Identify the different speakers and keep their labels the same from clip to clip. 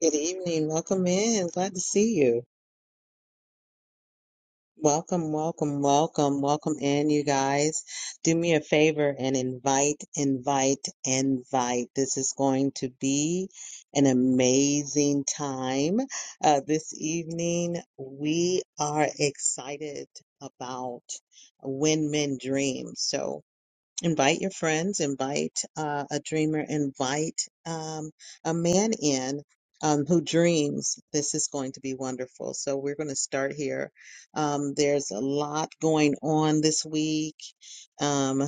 Speaker 1: Good evening. Welcome in. Glad to see you. Welcome, welcome, welcome, welcome in, you guys. Do me a favor and invite, invite, invite. This is going to be an amazing time. Uh, this evening, we are excited about When Men Dream. So, invite your friends, invite uh, a dreamer, invite um, a man in um, who dreams. This is going to be wonderful. So we're going to start here. Um, there's a lot going on this week um,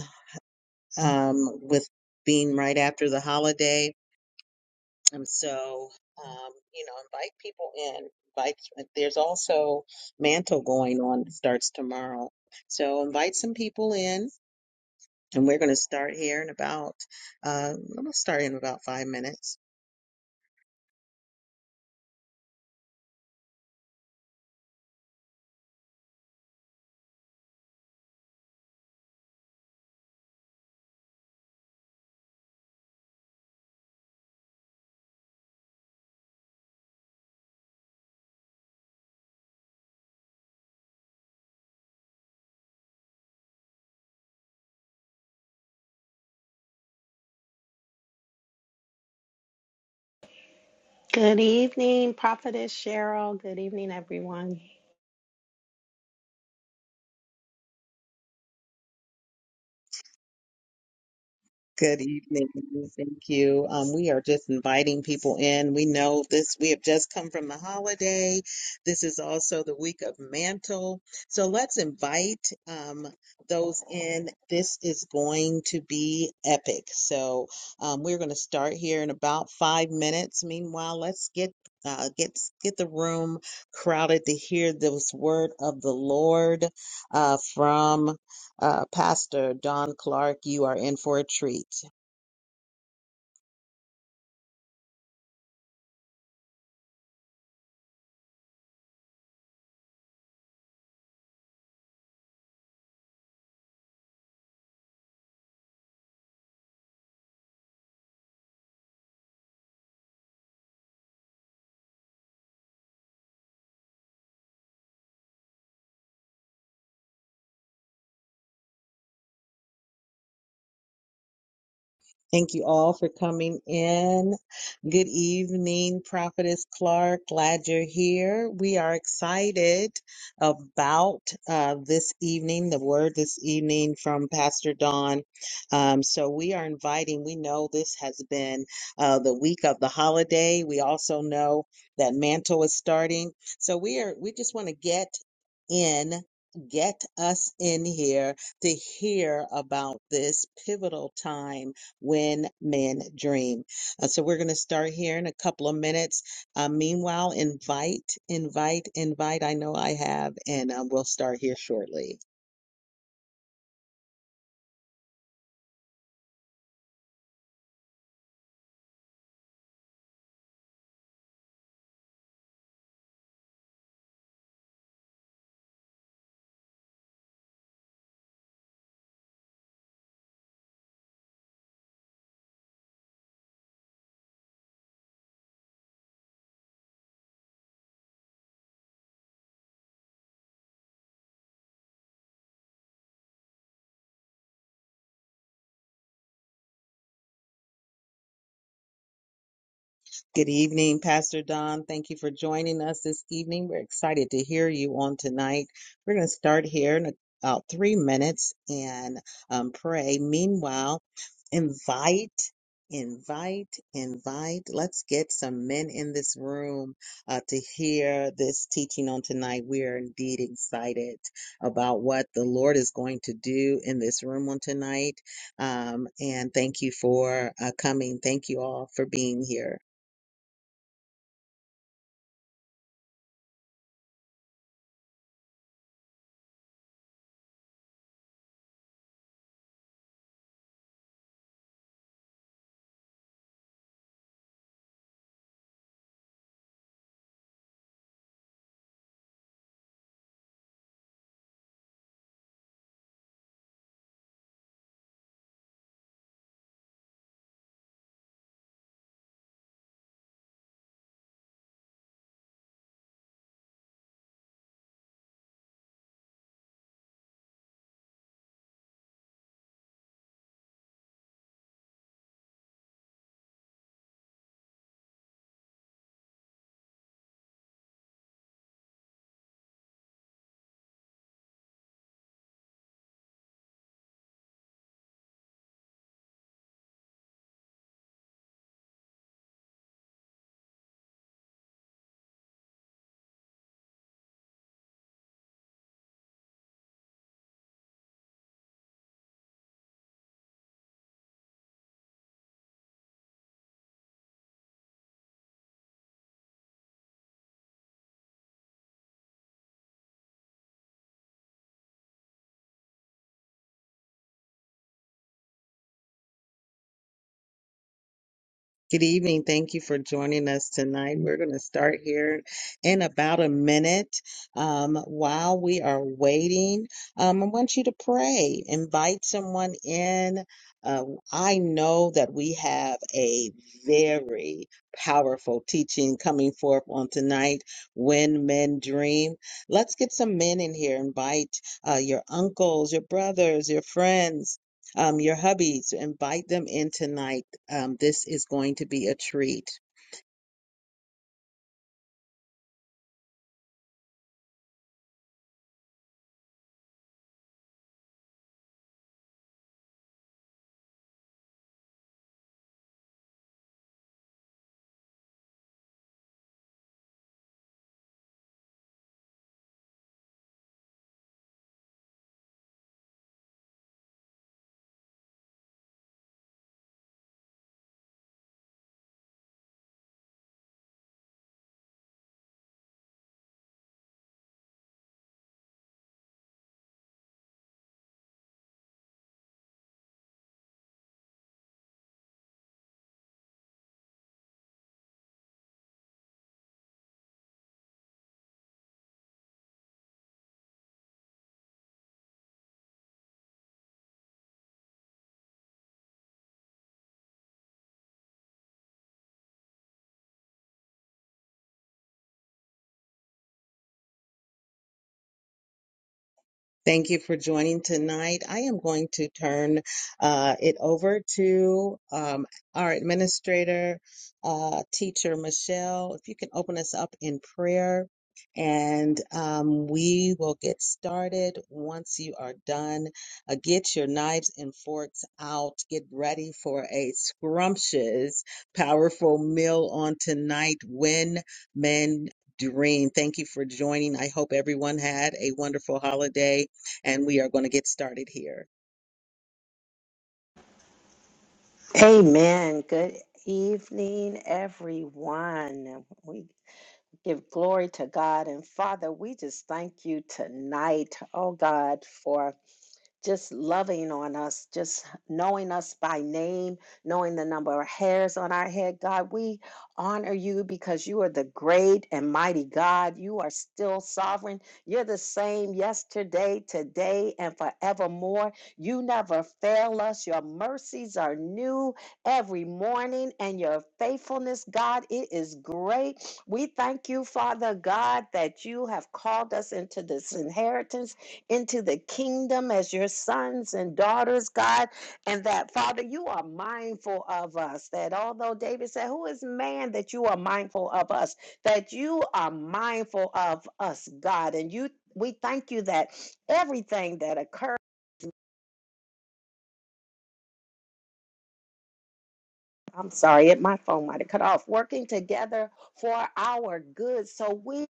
Speaker 1: um, with being right after the holiday, and so um, you know, invite people in. Invite. There's also mantle going on. It starts tomorrow. So invite some people in and we're going to start here in about, uh, I'm going to start in about five minutes.
Speaker 2: Good evening, Prophetess Cheryl. Good evening, everyone.
Speaker 1: Good evening. Thank you. Um, we are just inviting people in. We know this, we have just come from the holiday. This is also the week of mantle. So let's invite um, those in. This is going to be epic. So um, we're going to start here in about five minutes. Meanwhile, let's get uh, get get the room crowded to hear this word of the Lord uh, from uh, Pastor Don Clark, you are in for a treat. Thank you all for coming in. Good evening, Prophetess Clark. Glad you're here. We are excited about uh, this evening, the word this evening from Pastor Don. Um, so we are inviting, we know this has been uh, the week of the holiday. We also know that Mantle is starting. So we are, we just want to get in, get us in here to hear about this pivotal time when men dream. Uh, so we're going to start here in a couple of minutes. Uh, meanwhile, invite, invite, invite. I know I have, and um, we'll start here shortly. Good evening, Pastor Don. Thank you for joining us this evening. We're excited to hear you on tonight. We're going to start here in about three minutes and um, pray. Meanwhile, invite, invite, invite. Let's get some men in this room uh, to hear this teaching on tonight. We are indeed excited about what the Lord is going to do in this room on tonight. Um, and thank you for uh, coming. Thank you all for being here. Good evening. Thank you for joining us tonight. We're going to start here in about a minute. Um, while we are waiting, um, I want you to pray. Invite someone in. Uh, I know that we have a very powerful teaching coming forth on tonight when men dream. Let's get some men in here. Invite uh, your uncles, your brothers, your friends um, your hubbies, invite them in tonight. Um, this is going to be a treat. Thank you for joining tonight. I am going to turn uh, it over to um, our administrator, uh, teacher Michelle. If you can open us up in prayer, and um, we will get started once you are done. Uh, get your knives and forks out. Get ready for a scrumptious, powerful meal on tonight when men dream. Thank you for joining. I hope everyone had a wonderful holiday and we are going to get started here.
Speaker 2: Amen. Good evening, everyone. We give glory to God. And Father, we just thank you tonight, oh God, for. just loving on us, just knowing us by name, knowing the number of hairs on our head. God, we honor you because you are the great and mighty God. You are still sovereign. You're the same yesterday, today, and forevermore. You never fail us. Your mercies are new every morning, and your faithfulness, God, it is great. We thank you, Father God, that you have called us into this inheritance into the kingdom as your sons and daughters, God. And that, Father, you are mindful of us. That although David said, Who is man that you are mindful of us? That you are mindful of us, God. And you we thank you that everything that occurs. I'm sorry, my phone might have cut off. Working together for our good. So we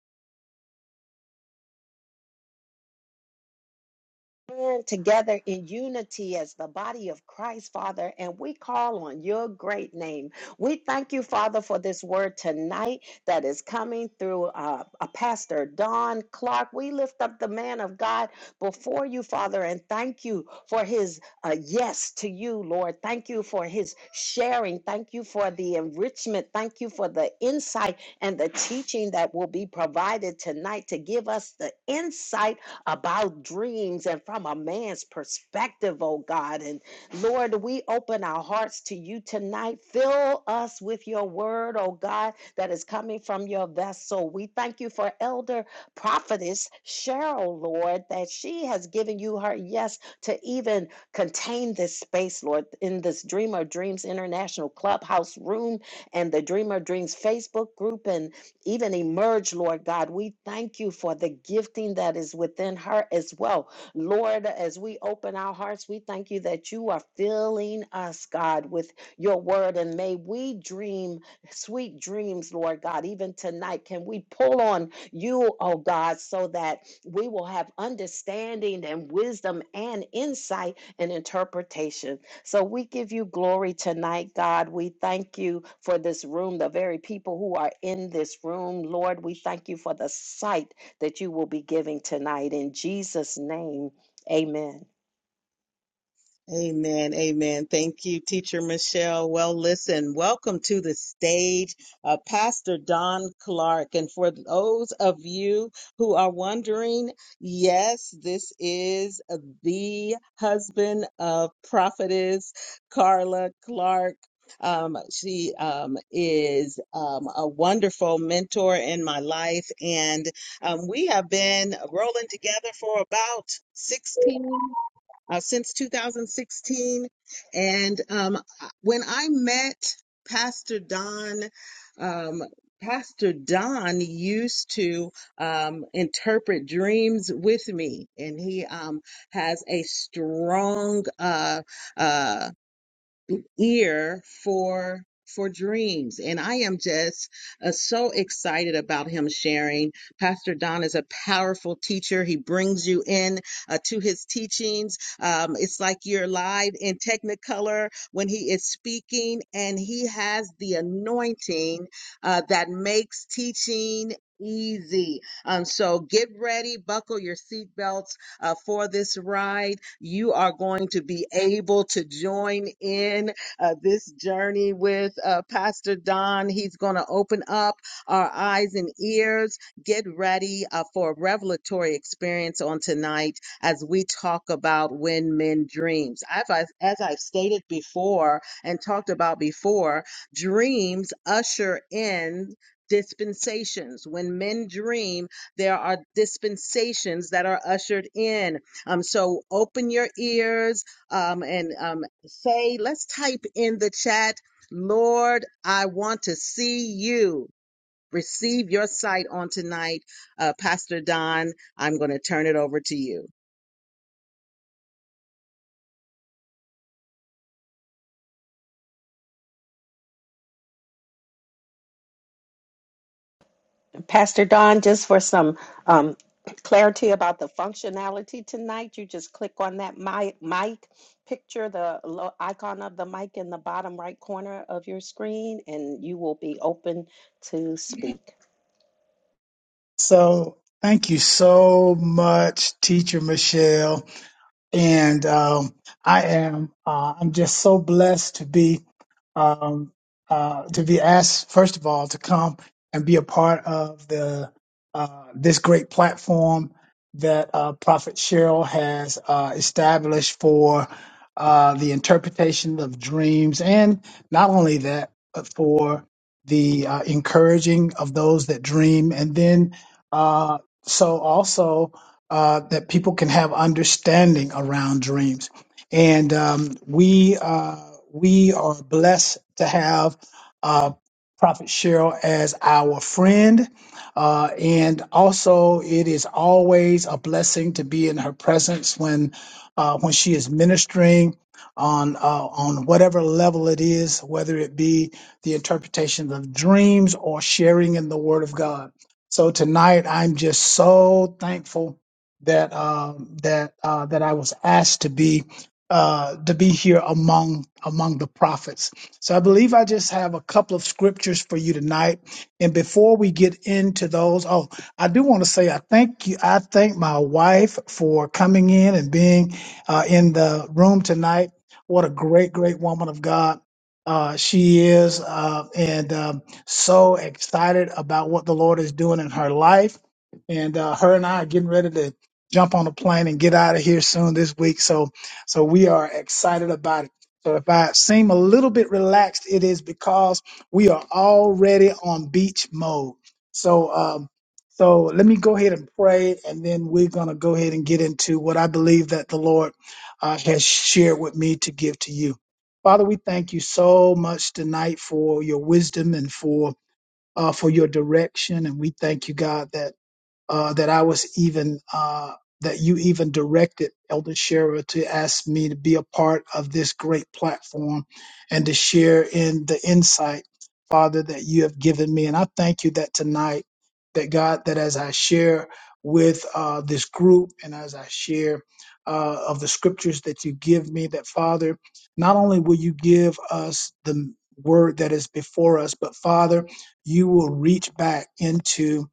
Speaker 2: stand together in unity as the body of Christ, Father, and we call on your great name. We thank you, Father, for this word tonight that is coming through uh, a pastor, Don Clark. We lift up the man of God before you, Father, and thank you for his uh, yes to you, Lord. Thank you for his sharing. Thank you for the enrichment. Thank you for the insight and the teaching that will be provided tonight to give us the insight about dreams and from a man's perspective, oh God. And Lord, we open our hearts to you tonight. Fill us with your word, oh God, that is coming from your vessel. We thank you for Elder Prophetess Cheryl, Lord, that she has given you her yes to even contain this space, Lord, in this Dreamer Dreams International Clubhouse room and the Dreamer Dreams Facebook group. and even emerge, Lord God. We thank you for the gifting that is within her as well. Lord, as we open our hearts, we thank you that you are filling us, God, with your word. And may we dream sweet dreams, Lord God, even tonight. Can we pull on you, oh God, so that we will have understanding and wisdom and insight and interpretation? So we give you glory tonight, God. We thank you for this room, the very people who are in this room. Lord, we thank you for the sight that you will be giving tonight. In Jesus' name, amen.
Speaker 1: Amen. Amen. Thank you, Teacher Michelle. Well, listen, welcome to the stage, uh, Pastor Don Clark. And for those of you who are wondering, yes, this is the husband of prophetess Carla Clark. Um, she um, is um, a wonderful mentor in my life, and um, we have been rolling together for about 16 uh, since 2016. And um, uh, when I met Pastor Don, um, Pastor Don used to um, interpret dreams with me, and he um, has a strong uh, uh, ear for for dreams and i am just uh, so excited about him sharing pastor don is a powerful teacher he brings you in uh, to his teachings um, it's like you're live in technicolor when he is speaking and he has the anointing uh, that makes teaching easy um so get ready buckle your seatbelts uh, for this ride you are going to be able to join in uh, this journey with uh, Pastor Don. He's going to open up our eyes and ears. Get ready uh, for a revelatory experience on tonight as we talk about when men dreams. I've, I've- as I've stated before and talked about before, dreams usher in dispensations. When men dream, there are dispensations that are ushered in. Um, so open your ears um, and um, Say, let's type in the chat, Lord, I want to see you. Receive your sight on tonight. Uh, Pastor Don, I'm going to turn it over to you.
Speaker 2: Pastor Don, just for some um, clarity about the functionality tonight, you just click on that mi- mic picture, the lo- icon of the mic in the bottom right corner of your screen, and you will be open to speak.
Speaker 3: So thank you so much, Teacher Michelle and um, I am uh, I'm just so blessed to be um, uh, to be asked first of all to come and be a part of the uh, this great platform that uh, Prophet Cheryl has uh, established for uh, the interpretation of dreams, and not only that, but for the uh, encouraging of those that dream, and then uh, so also uh, that people can have understanding around dreams. And um, we uh, we are blessed to have uh, Prophet Cheryl as our friend, uh, and also it is always a blessing to be in her presence when uh, when she is ministering on uh, on whatever level it is, whether it be the interpretation of dreams or sharing in the Word of God. So tonight, I'm just so thankful that um, that uh, that I was asked to be uh, to be here among among the prophets. So I believe I just have a couple of scriptures for you tonight. And before we get into those, oh, I do want to say I thank you. I thank my wife for coming in and being uh, in the room tonight. What a great, great woman of God. Uh, she is, uh, and um, so excited about what the Lord is doing in her life and uh, her and I are getting ready to jump on a plane and get out of here soon this week. So, so we are excited about it. So if I seem a little bit relaxed, it is because we are already on beach mode. So, um, so let me go ahead and pray, and then we're going to go ahead and get into what I believe that the Lord uh, has shared with me to give to you. Father, we thank you so much tonight for your wisdom and for uh, for your direction, and we thank you, God, that uh, that I was even uh, that you even directed Elder Shara to ask me to be a part of this great platform and to share in the insight, Father, that you have given me. And I thank you that tonight, that God, that as I share with uh, this group and as I share uh, of the scriptures that you give me, that Father, not only will you give us the word that is before us, but Father, you will reach back into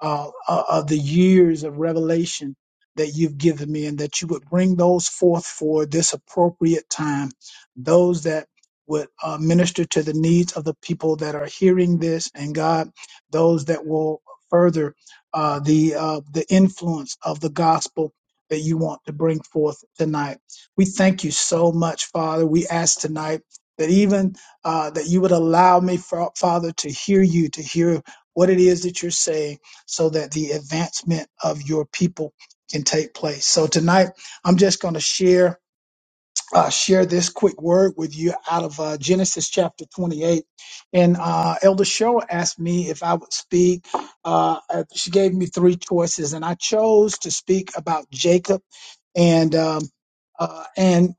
Speaker 3: uh, uh, of the years of revelation that you've given me, and that you would bring those forth for this appropriate time, those that would uh, minister to the needs of the people that are hearing this, and God, those that will further uh, the uh, the influence of the gospel that you want to bring forth tonight. We thank you so much, Father. We ask tonight that even uh, that you would allow me, Fa- Father, to hear you, to hear what it is that you're saying so that the advancement of your people can take place. So tonight, I'm just going to share uh, share this quick word with you out of uh, Genesis chapter 28. And uh, Elder Show asked me if I would speak. Uh, uh, she gave me three choices, and I chose to speak about Jacob and um, uh, and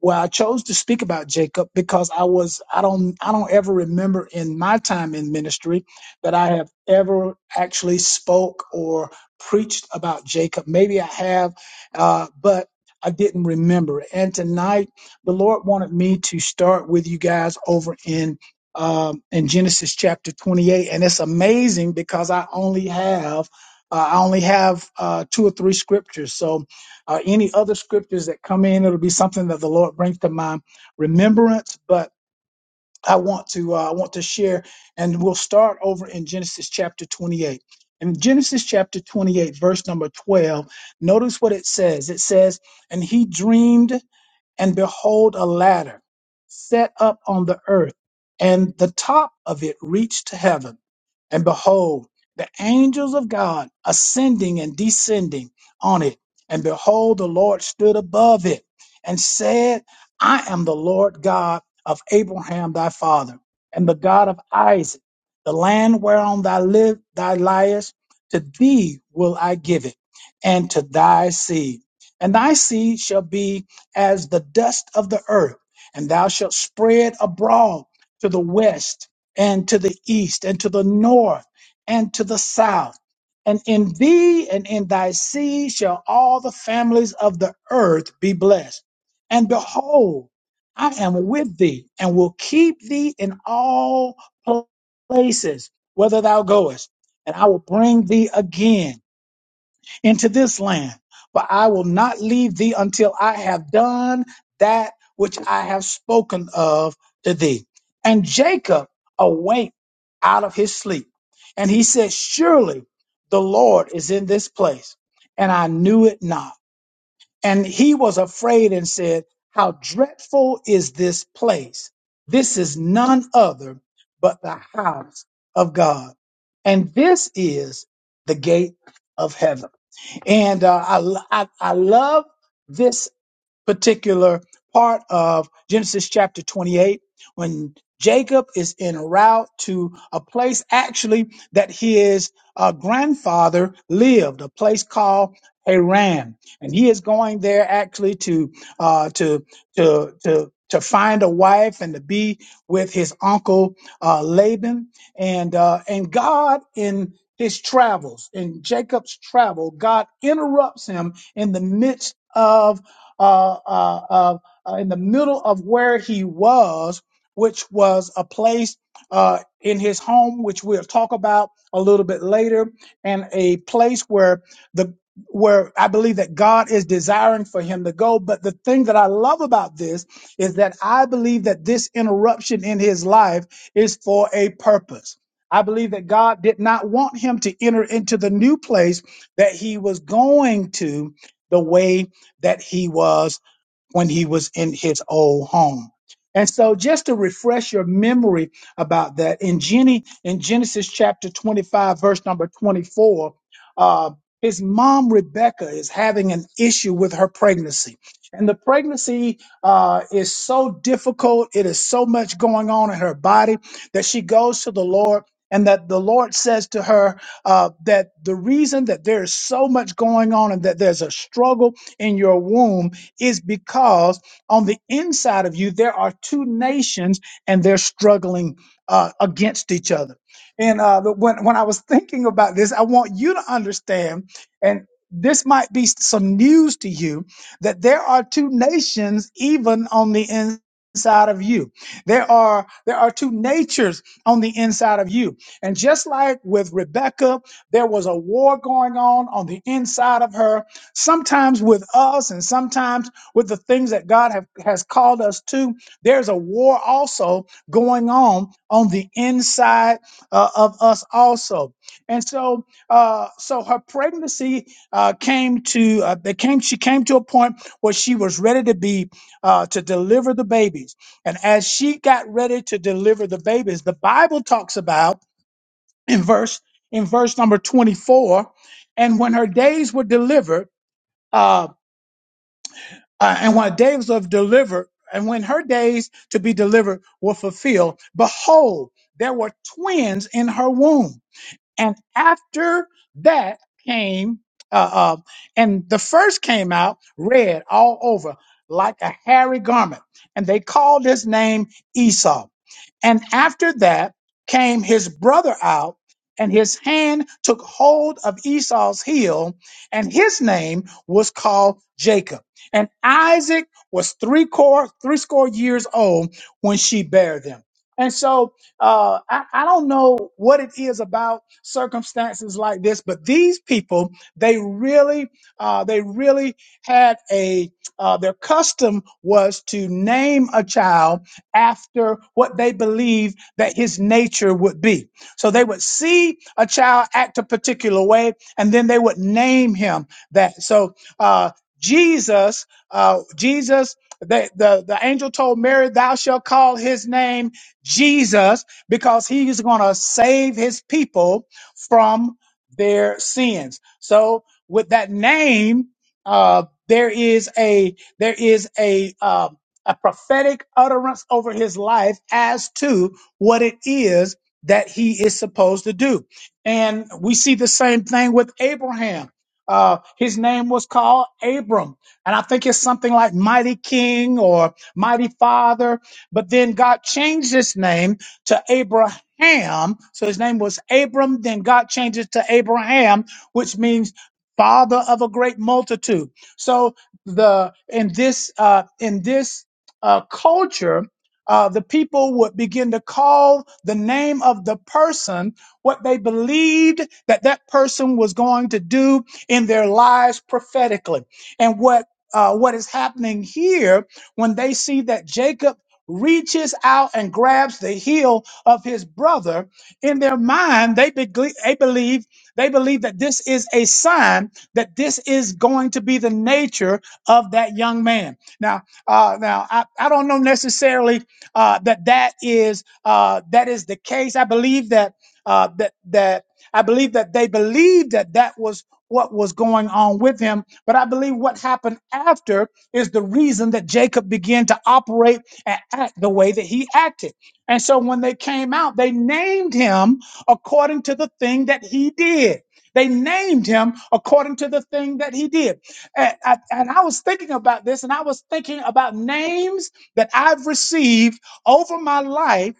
Speaker 3: well, I chose to speak about Jacob because I was I don't I don't ever remember in my time in ministry that I have ever actually spoke or preached about Jacob. Maybe I have, uh, but I didn't remember. it. And tonight, the Lord wanted me to start with you guys over in. Um, in Genesis chapter 28, and it's amazing because I only have uh, I only have uh, two or three scriptures, so or any other scriptures that come in. It'll be something that the Lord brings to my remembrance. But I want to uh, I want to share, and we'll start over in Genesis chapter 28. In Genesis chapter 28, verse number 12, notice what it says. It says, "And he dreamed, and behold, a ladder set up on the earth, and the top of it reached to heaven." And behold, the angels of God ascending and descending on it. And behold, the Lord stood above it and said, I am the Lord God of Abraham thy father, and the God of Isaac. The land whereon thou live, thou liest, to thee will I give it, and to thy seed. And thy seed shall be as the dust of the earth, and thou shalt spread abroad to the west and to the east and to the north and to the south. And in thee and in thy seed shall all the families of the earth be blessed. And behold, I am with thee and will keep thee in all places whither thou goest, and I will bring thee again into this land, but I will not leave thee until I have done that which I have spoken of to thee. And Jacob awaked out of his sleep, and he said, Surely the Lord is in this place, and I knew it not. And he was afraid and said, How dreadful is this place! This is none other but the house of God, and this is the gate of heaven. And uh, I, I, I love this particular part of Genesis chapter 28 when Jacob is en route to a place actually that his uh, grandfather lived, a place called Haran, and he is going there actually to uh, to to to to find a wife and to be with his uncle uh, Laban, and uh, and God in his travels in Jacob's travel, God interrupts him in the midst of uh, uh, uh, uh, in the middle of where he was, which was a place uh, in his home, which we'll talk about a little bit later, and a place where the where I believe that God is desiring for him to go. But the thing that I love about this is that I believe that this interruption in his life is for a purpose. I believe that God did not want him to enter into the new place that he was going to the way that he was when he was in his old home. And so just to refresh your memory about that, in Jenny in Genesis chapter 25, verse number 24, uh, his mom Rebecca is having an issue with her pregnancy. And the pregnancy uh, is so difficult, it is so much going on in her body that she goes to the Lord. And that the Lord says to her uh, that the reason that there is so much going on and that there's a struggle in your womb is because on the inside of you, there are two nations and they're struggling uh, against each other. And uh, the, when, when I was thinking about this, I want you to understand, and this might be some news to you, that there are two nations even on the inside of you. There are there are two natures on the inside of you. And just like with Rebecca, there was a war going on on the inside of her, sometimes with us and sometimes with the things that God have, has called us to. There's a war also going on on the inside uh, of us also. And so, uh, so her pregnancy uh, came to uh, they came. She came to a point where she was ready to be uh, to deliver the babies. And as she got ready to deliver the babies, the Bible talks about in verse in verse number 24. And when her days were delivered. uh, uh, and when days of delivered, and when her days to be delivered were fulfilled, behold, there were twins in her womb. And after that came, uh, uh, and the first came out red all over like a hairy garment, and they called his name Esau. And after that came his brother out, and his hand took hold of Esau's heel, and his name was called Jacob. And Isaac was three core, three score years old when she bare them. And so uh, I, I don't know what it is about circumstances like this, but these people, they really, uh, they really had a, uh, their custom was to name a child after what they believed that his nature would be. So they would see a child act a particular way, and then they would name him that. So uh, Jesus, uh, Jesus, the, the, the angel told Mary, Thou shalt call his name Jesus because he is going to save his people from their sins. So with that name, uh, there is a there is a uh, a prophetic utterance over his life as to what it is that he is supposed to do. And we see the same thing with Abraham. Uh, his name was called Abram. And I think it's something like Mighty King or Mighty Father. But then God changed his name to Abraham. So his name was Abram. Then God changed it to Abraham, which means father of a great multitude. So the in this uh in this uh, culture, uh, the people would begin to call the name of the person what they believed that that person was going to do in their lives prophetically. And what uh, what is happening here when they see that Jacob reaches out and grabs the heel of his brother in their mind they, begle- they believe they believe that this is a sign that this is going to be the nature of that young man now uh, now, I, I don't know necessarily uh, that that is uh, that is the case. I believe that uh, that that I believe that they believed that that was what was going on with him. But I believe what happened after is the reason that Jacob began to operate and act the way that he acted. And so when they came out, they named him according to the thing that he did. They named him according to the thing that he did. And I, and I was thinking about this, and I was thinking about names that I've received over my life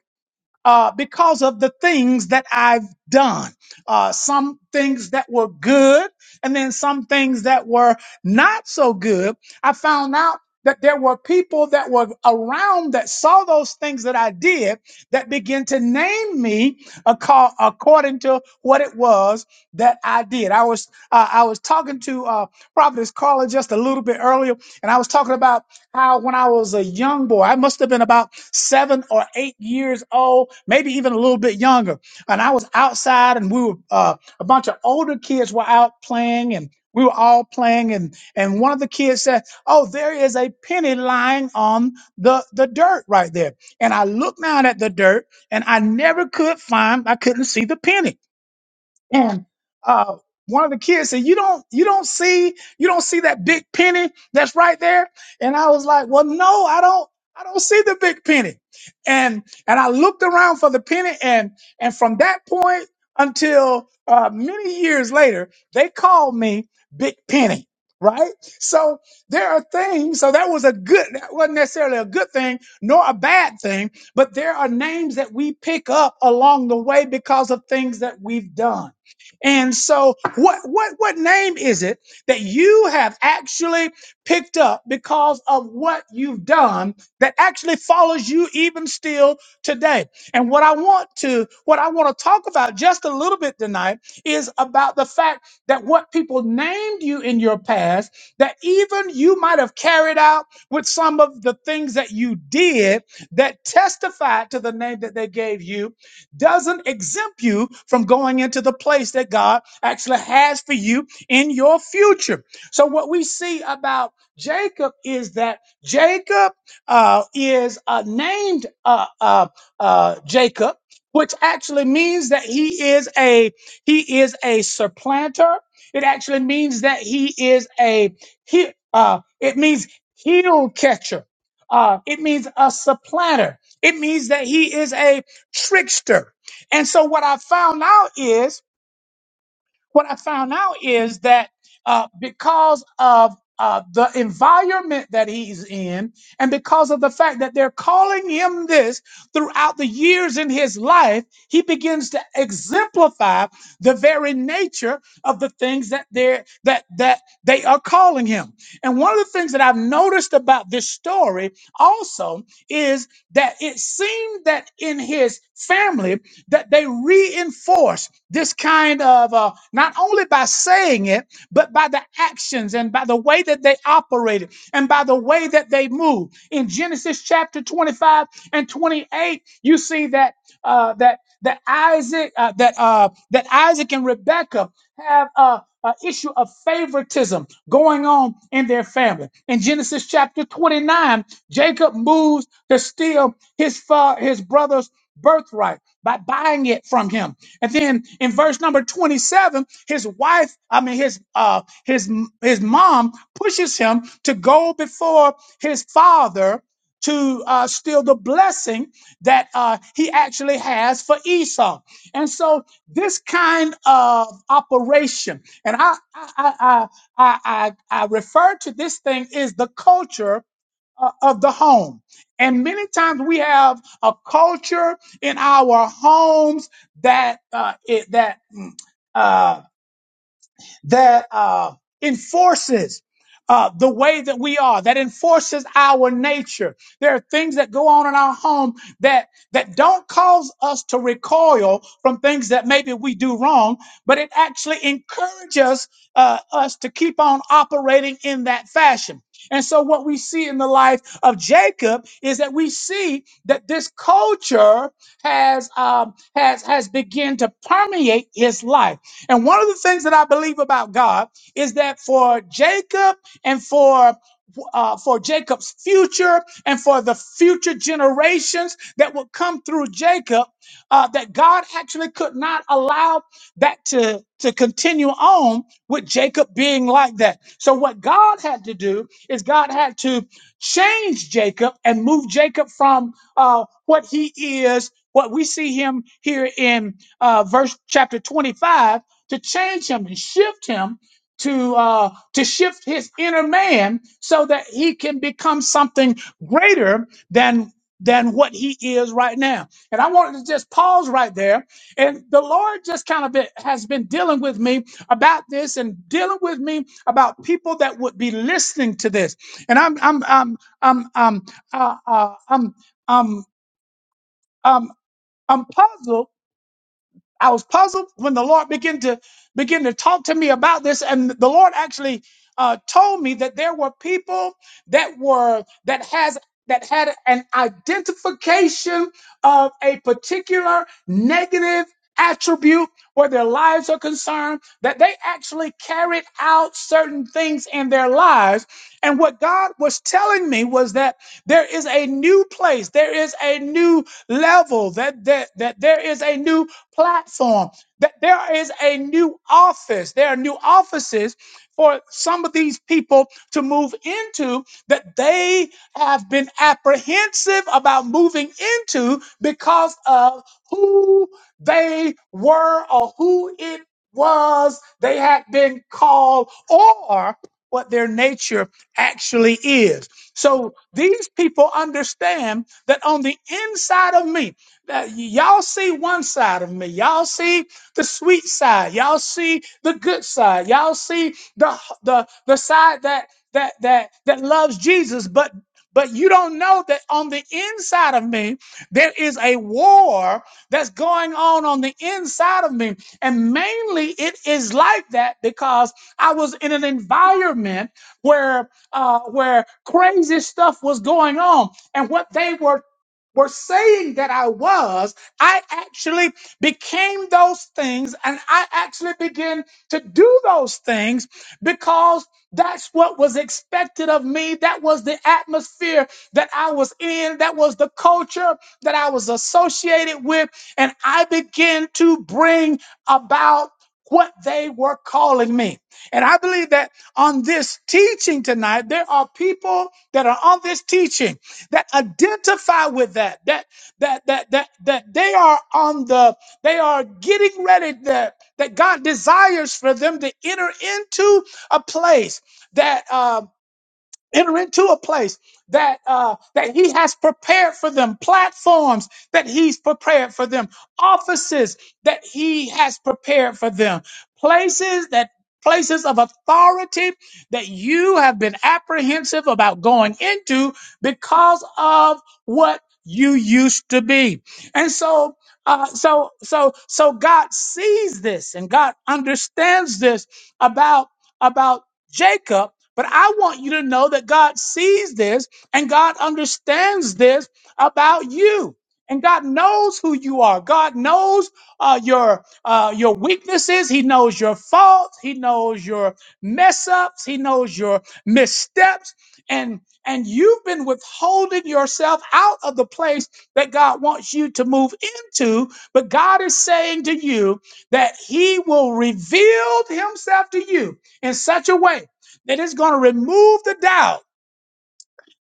Speaker 3: uh, because of the things that I've done. Uh, some things that were good, and then some things that were not so good. I found out that there were people that were around that saw those things that I did that began to name me aco- according to what it was that I did. I was uh, I was talking to uh, Providence Carla just a little bit earlier, and I was talking about how when I was a young boy, I must have been about seven or eight years old, maybe even a little bit younger. And I was outside, and we were uh, a bunch of older kids were out playing, and we were all playing. And and one of the kids said, "Oh, there is a penny lying on the the dirt right there." And I looked down at the dirt, and I never could find. I couldn't see the penny and uh, one of the kids said, "You don't, you don't see, you don't see that big penny that's right there." And I was like, "Well, no, I don't, I don't see the big penny." And and I looked around for the penny, and and from that point until uh, many years later, they called me Big Penny. Right, so there are things. So that was a good, that wasn't necessarily a good thing, nor a bad thing, but there are names that we pick up along the way because of things that we've done and so what what what name is it that you have actually picked up because of what you've done that actually follows you even still today? And what I want to what I want to talk about just a little bit tonight is about the fact that what people named you in your past that even you might have carried out with some of the things that you did that testified to the name that they gave you doesn't exempt you from going into the place that God actually has for you in your future. So, what we see about Jacob is that Jacob uh, is uh, named uh, uh, uh, Jacob, which actually means that he is a he is a supplanter. It actually means that he is a he. Uh, it means heel catcher. Uh, it means a supplanter. It means that he is a trickster. And so what I found out is what I found out is that uh, because of uh, the environment that he's in, and because of the fact that they're calling him this throughout the years in his life, he begins to exemplify the very nature of the things that they're that that they are calling him. And one of the things that I've noticed about this story also is that it seemed that in his family that they reinforced this kind of uh, not only by saying it, but by the actions and by the way that they operated and by the way that they moved. In Genesis chapter 25 and 28, you see that uh, that that Isaac uh, that uh, that Isaac and Rebekah have a, a issue of favoritism going on in their family. In Genesis chapter 29, Jacob moves to steal his fa- his brother's birthright by buying it from him. And then in verse number 27, his wife, I mean his uh his his mom pushes him to go before his father to uh, steal the blessing that uh, he actually has for Esau. And so this kind of operation, and I I I I, I, I refer to this thing is the culture uh, of the home. And many times we have a culture in our homes that uh, it, that. mm, uh, that uh, enforces uh, the way that we are, that enforces our nature. There are things that go on in our home that that don't cause us to recoil from things that maybe we do wrong, but it actually encourages uh, us to keep on operating in that fashion. And so, what we see in the life of Jacob is that we see that this culture has um, has has begun to permeate his life and one of the things that I believe about God is that for Jacob and for uh, for Jacob's future and for the future generations that would come through Jacob, uh, that God actually could not allow that to, to continue on with Jacob being like that. So, what God had to do is God had to change Jacob and move Jacob from uh, what he is, what we see him here in uh, verse chapter 25 to change him and shift him to uh, to shift his inner man so that he can become something greater than than what he is right now. And I wanted to just pause right there. And the Lord just kind of been, has been dealing with me about this and dealing with me about people that would be listening to this. And I'm I'm I'm I'm I'm uh, uh, I'm I'm I'm I'm puzzled I was puzzled when the Lord began to begin to talk to me about this, and the Lord actually uh, told me that there were people that were that has that had an identification of a particular negative attribute where their lives are concerned that they actually carried out certain things in their lives and what god was telling me was that there is a new place there is a new level that that, that there is a new platform that there is a new office there are new offices for some of these people to move into that they have been apprehensive about moving into because of who they were or who it was they had been called or what their nature actually is. So these people understand that on the inside of me, that y'all see one side of me, y'all see the sweet side, y'all see the good side, y'all see the the the side that that that that loves Jesus, but but you don't know that on the inside of me there is a war that's going on on the inside of me and mainly it is like that because i was in an environment where uh where crazy stuff was going on and what they were were saying that I was, I actually became those things and I actually began to do those things because that's what was expected of me. That was the atmosphere that I was in. That was the culture that I was associated with. And I began to bring about what they were calling me. And I believe that on this teaching tonight, there are people that are on this teaching that identify with that, that that that that that they are on the they are getting ready that that God desires for them to enter into a place that um, enter into a place that uh, that he has prepared for them platforms that he's prepared for them offices that he has prepared for them places that places of authority that you have been apprehensive about going into because of what you used to be and so uh, so so so god sees this and god understands this about about Jacob. But I want you to know that God sees this and God understands this about you. And God knows who you are. God knows uh, your uh, your weaknesses. He knows your faults. He knows your mess ups. He knows your missteps. And and you've been withholding yourself out of the place that God wants you to move into. But God is saying to you that He will reveal Himself to you in such a way that it's going to remove the doubt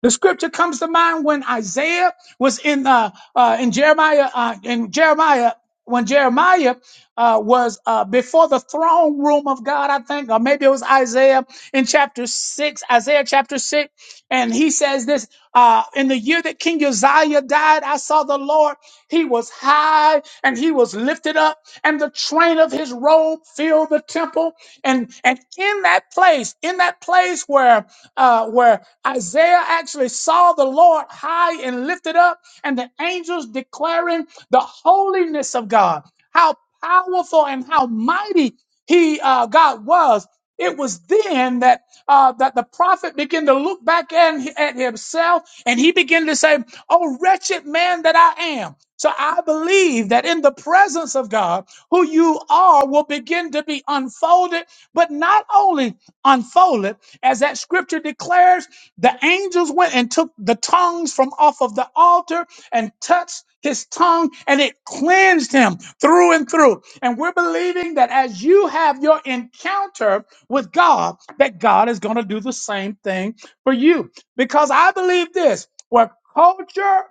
Speaker 3: the scripture comes to mind when Isaiah was in uh, uh, in Jeremiah uh, in Jeremiah when Jeremiah uh, was uh, before the throne room of God, I think, or maybe it was Isaiah in chapter six, Isaiah chapter six, and he says this: uh, In the year that King Uzziah died, I saw the Lord; He was high and He was lifted up, and the train of His robe filled the temple. And and in that place, in that place where uh, where Isaiah actually saw the Lord high and lifted up, and the angels declaring the holiness of God, how powerful and how mighty He uh, God was. It was then that uh, that the prophet began to look back at, at himself and he began to say, "Oh wretched man that I am." So I believe that in the presence of God, who you are will begin to be unfolded, but not only unfolded, as that scripture declares, the angels went and took the tongues from off of the altar and touched his tongue and it cleansed him through and through. And we're believing that as you have your encounter with God that God is going to do the same thing for you. Because I believe this where culture,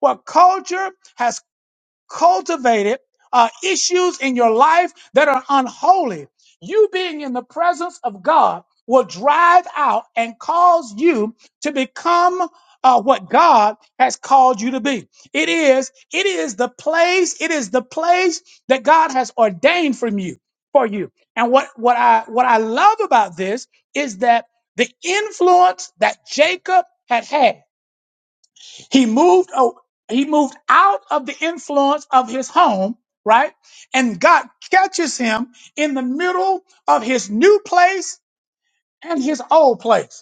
Speaker 3: where culture has cultivated uh, issues in your life that are unholy, you being in the presence of God will drive out and cause you to become uh, what God has called you to be. It is, it is the place, it is the place that God has ordained from you for you. And what what I what I love about this is that the influence that Jacob had had he moved o- he moved out of the influence of his home, right? And God catches him in the middle of his new place and his old place.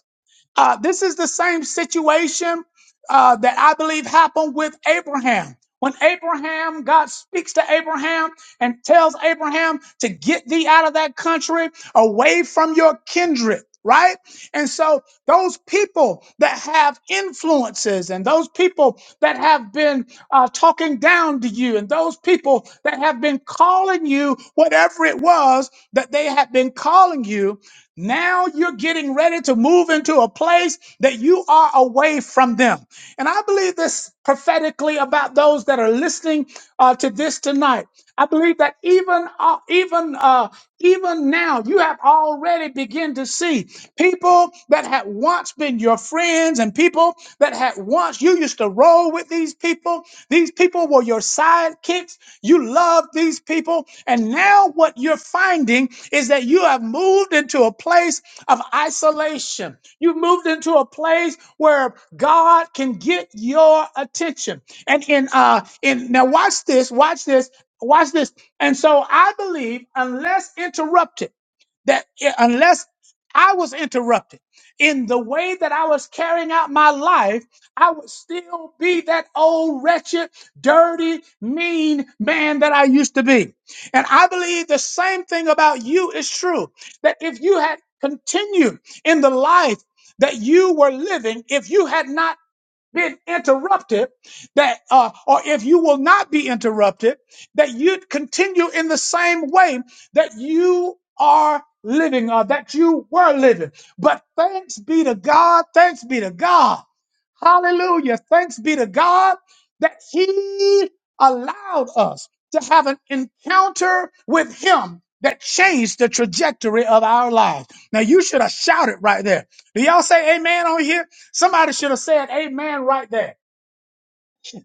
Speaker 3: Uh, this is the same situation uh, that I believe happened with Abraham. When Abraham, God speaks to Abraham and tells Abraham to get thee out of that country away from your kindred, right? And so those people that have influences and those people that have been uh, talking down to you and those people that have been calling you whatever it was that they have been calling you, now you're getting ready to move into a place that you are away from them. And I believe this prophetically about those that are listening uh, to this tonight. I believe that even uh, even uh, even now you have already begun to see people that had once been your friends and people that had once you used to roll with these people. These people were your sidekicks. You love these people. And now what you're finding is that you have moved into a place of isolation. You've moved into a place where God can get your attention. And in uh in now watch this, watch this, watch this. And so I believe unless interrupted that i- unless I was interrupted in the way that I was carrying out my life, I would still be that old, wretched, dirty, mean man that I used to be. And I believe the same thing about you is true that if you had continued in the life that you were living, if you had not been interrupted, that uh, or if you will not be interrupted, that you'd continue in the same way that you are living or that you were living. But thanks be to God, thanks be to God. Hallelujah. Thanks be to God that He allowed us to have an encounter with Him that changed the trajectory of our lives. Now you should have shouted right there. Do y'all say amen on here? Somebody should have said amen right there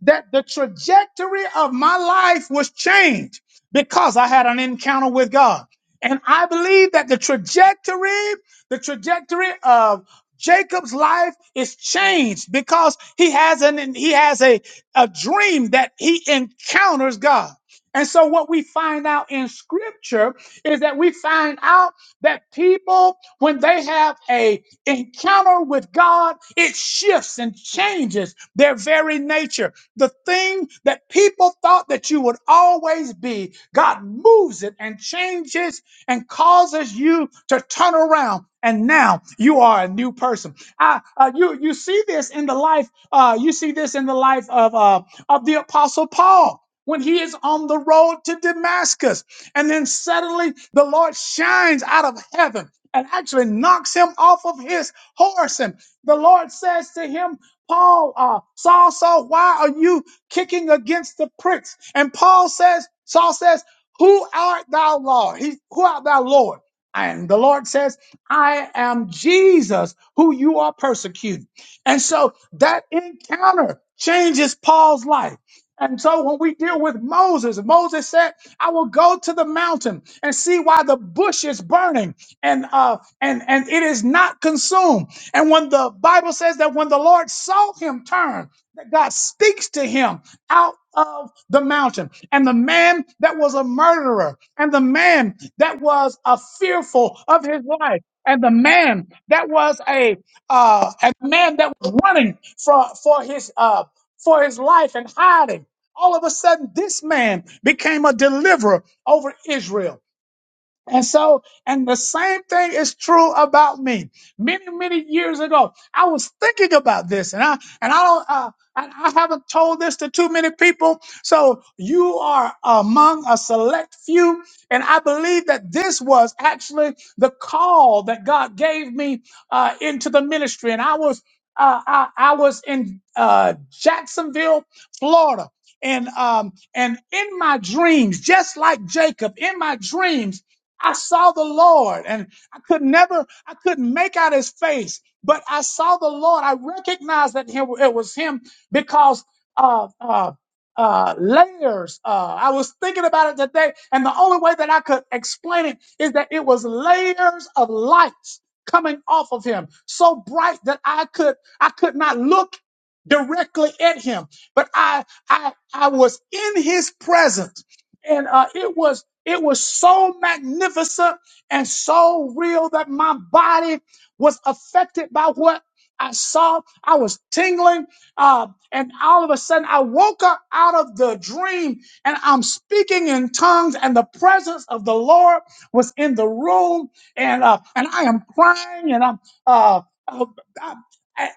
Speaker 3: that the trajectory of my life was changed because I had an encounter with God. And I believe that the trajectory, the trajectory of Jacob's life is changed because he has an he has a, a dream that he encounters God. And so what we find out in scripture is that we find out that people when they have a encounter with God, it shifts and changes their very nature. The thing that people thought that you would always be, God moves it and changes and causes you to turn around. And now you are a new person. I, uh, you you see this in the life. Uh, you see this in the life of uh, of the apostle Paul when he is on the road to Damascus, and then suddenly the Lord shines out of heaven and actually knocks him off of his horse, and the Lord says to him, Paul, uh, Saul, Saul, why are you kicking against the pricks? And Paul says, Saul says, Who art thou, Lord? He, who art thou, Lord? And the Lord says, I am Jesus who you are persecuting. And so that encounter changes Paul's life. And so when we deal with Moses, Moses said, I will go to the mountain and see why the bush is burning and uh and and it is not consumed. And when the Bible says that when the Lord saw him turn, that God speaks to him out of the mountain. And the man that was a murderer, and the man that was a fearful of his life, and the man that was a uh, and the man that was running for for his uh, for his life and hiding. All of a sudden, this man became a deliverer over Israel. And so, and the same thing is true about me. Many, many years ago, I was thinking about this, and I and I don't, uh, I, I haven't told this to too many people. So you are among a select few, and I believe that this was actually the call that God gave me uh, into the ministry, and I was. Uh, I, I was in uh, Jacksonville, Florida, and um, and in my dreams, just like Jacob, in my dreams. I saw the Lord and I could never, I couldn't make out his face, but I saw the Lord. I recognized that he- it was him because uh, uh, uh, layers. Uh, I was thinking about it today, and the only way that I could explain it is that it was layers of lights coming off of him, so bright that I could, I could not look directly at him, but I, I, I was in his presence and uh, it was it was so magnificent and so real that my body was affected by what I saw. I was tingling, uh, and all of a sudden I woke up out of the dream, and I'm speaking in tongues, and the presence of the Lord was in the room, and uh, and I am crying, and I'm. Uh, uh, I,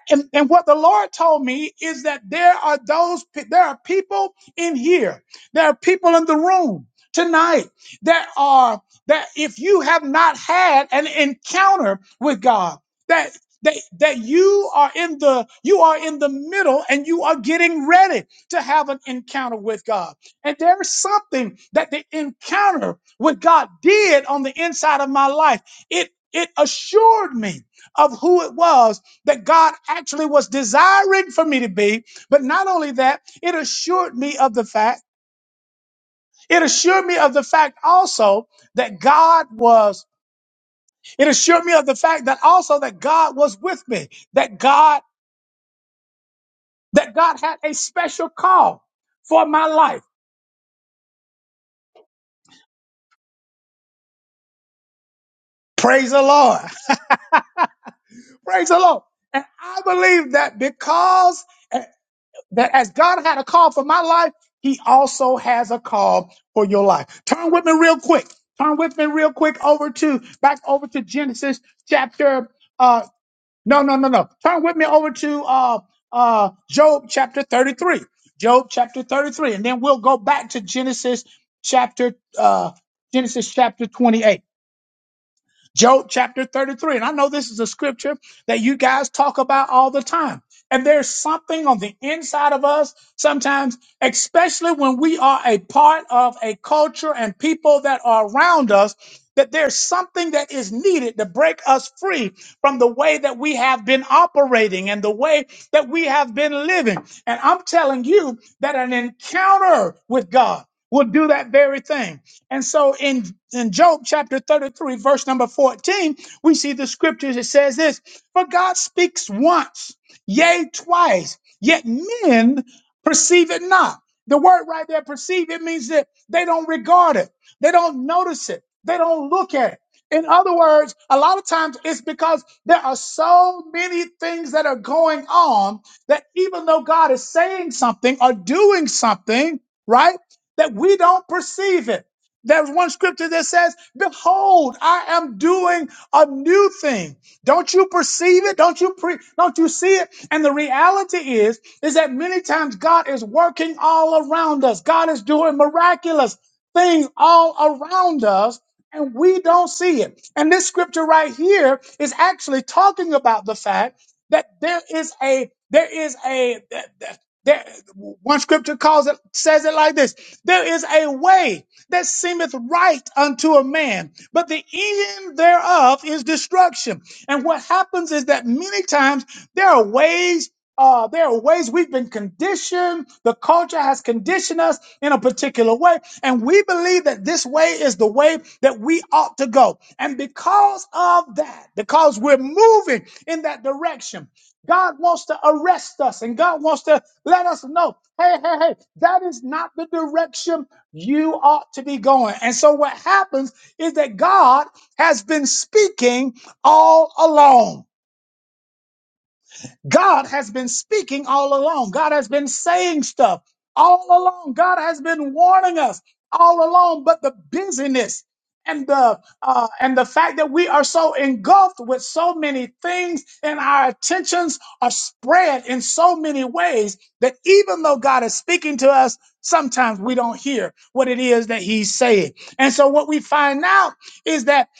Speaker 3: and, and what the Lord told me is that there are those pe- there are people in here there are people in the room tonight that are that if you have not had an encounter with God, that that, that you are in the you are in the middle and you are getting ready to have an encounter with God. And there is something that the encounter with God did on the inside of my life. It it assured me of who it was that God actually was desiring for me to be. But not only that, it assured me of the fact it assured me of the fact also that God was, it assured me of the fact that also that God was with me, that God, that God had a special call for my life. Praise the Lord. Praise the Lord. And I believe that because eh, that as God had a call for my life, he also has a call for your life. Turn with me real quick. Turn with me real quick over to back over to Genesis chapter uh, No, no, no, no. Turn with me over to uh uh Job chapter 33. Job chapter 33 and then we'll go back to Genesis chapter uh Genesis chapter 28. Job chapter 33. And I know this is a scripture that you guys talk about all the time. And there's something on the inside of us sometimes, especially when we are a part of a culture and people that are around us, that there's something that is needed to break us free from the way that we have been operating and the way that we have been living. And I'm telling you that an encounter with God will do that very thing. And so in, in Job chapter 33, verse number 14, we see the scriptures. It says this For God speaks once, yea, twice, yet men perceive it not. The word right there, perceive, it means that they don't regard it, they don't notice it, they don't look at it. In other words, a lot of times it's because there are so many things that are going on that even though God is saying something or doing something, right, that we don't perceive it. There's one scripture that says, behold, I am doing a new thing. Don't you perceive it? Don't you pre- don't you see it? And the reality is, is that many times God is working all around us. God is doing miraculous things all around us. And we don't see it. And this scripture right here is actually talking about the fact that there is a, there is a, there, there- one scripture calls it, says it like this. There is a way that seemeth right unto a man, but the end thereof is destruction. And what happens is that many times there are ways. Uh, there are ways we've been conditioned. The culture has conditioned us in a particular way. And we believe that this way is the way that we ought to go. And because of that, because we're moving in that direction, God wants to arrest us and God wants to let us know, hey, hey, hey, that is not the direction you ought to be going. And so what happens is that God has been speaking all along. God has been speaking all along. God has been saying stuff all along. God has been warning us all along. But the busyness and the uh, and the fact that we are so engulfed with so many things and our attentions are spread in so many ways that even though God is speaking to us, sometimes we don't hear what it is that He's saying. And so what we find out is that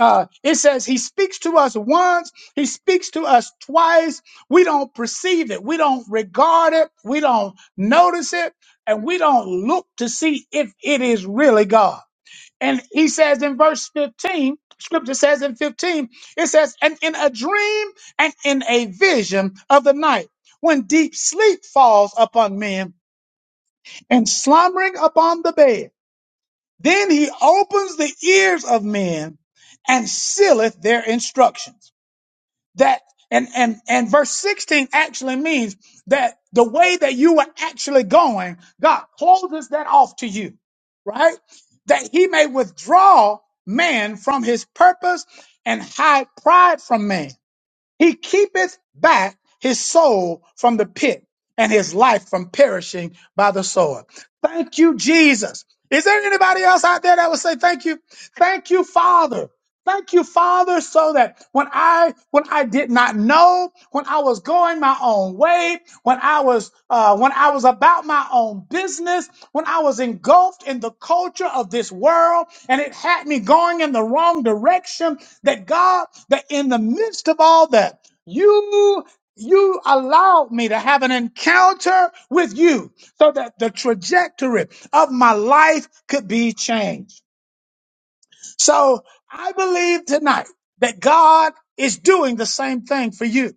Speaker 3: uh, it says He speaks to us once, He speaks to us twice we don't perceive it. We don't regard it. We don't notice it. And we don't look to see if it is really God. And he says in verse 15, scripture says in 15, it says, and in a dream and in a vision of the night, when deep sleep falls upon men and slumbering upon the bed, then he opens the ears of men and sealeth their instructions that and and and verse 16 actually means that the way that you were actually going god closes that off to you right that he may withdraw man from his purpose and hide pride from man he keepeth back his soul from the pit and his life from perishing by the sword thank you jesus is there anybody else out there that would say thank you thank you father Thank you, Father, so that when I when I did not know, when I was going my own way, when I was uh, when I was about my own business, when I was engulfed in the culture of this world, and it had me going in the wrong direction, that God, that in the midst of all that, you you allowed me to have an encounter with you so that the trajectory of my life could be changed. So I believe tonight that God is doing the same thing for you,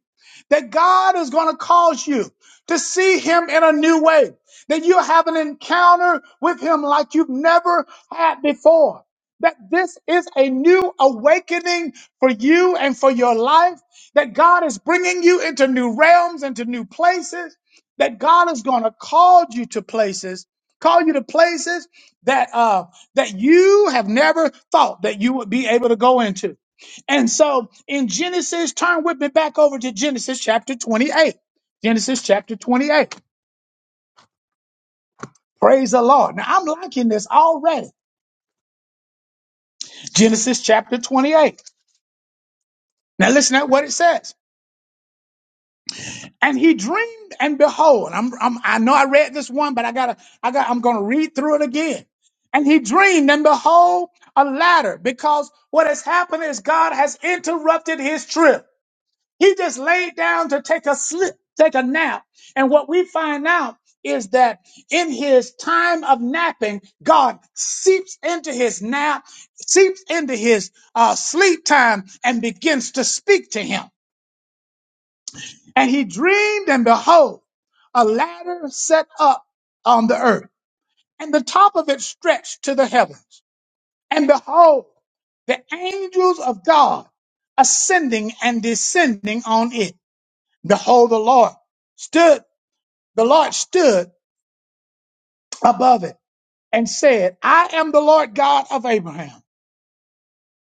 Speaker 3: that God is going to cause you to see Him in a new way, that you have an encounter with Him like you've never had before. That this is a new awakening for you and for your life, that God is bringing you into new realms, into new places, that God is going to call you to places, call you to places that uh, that you have never thought that you would be able to go into. And so in Genesis, turn with me back over to Genesis chapter 28. Genesis chapter 28. Praise the Lord. Now I'm liking this already. Genesis chapter 28. Now listen at what it says. And he dreamed and behold, I'm, I'm I know I read this one, but I gotta I got I'm gonna read through it again. And he dreamed and behold a ladder because what has happened is God has interrupted his trip. He just laid down to take a slip, take a nap. And what we find out is that in his time of napping, God seeps into his nap, seeps into his uh, sleep time, and begins to speak to him. And he dreamed, and behold, a ladder set up on the earth, and the top of it stretched to the heavens. And behold, the angels of God ascending and descending on it. Behold, the Lord stood, the Lord stood above it and said, I am the Lord God of Abraham,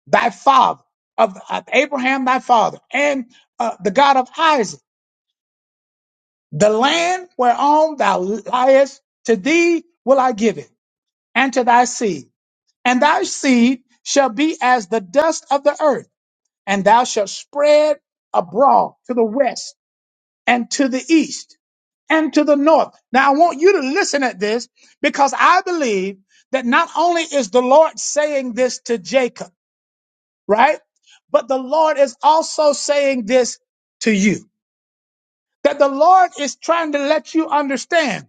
Speaker 3: thy father, of, of Abraham, thy father, and uh, the God of Isaac. The land whereon thou liest, to thee will I give it, and to thy seed. And thy seed shall be as the dust of the earth, and thou shalt spread abroad to the west and to the east and to the north. Now, I want you to listen at this because I believe that not only is the Lord saying this to Jacob, right? But the Lord is also saying this to you. That the Lord is trying to let you understand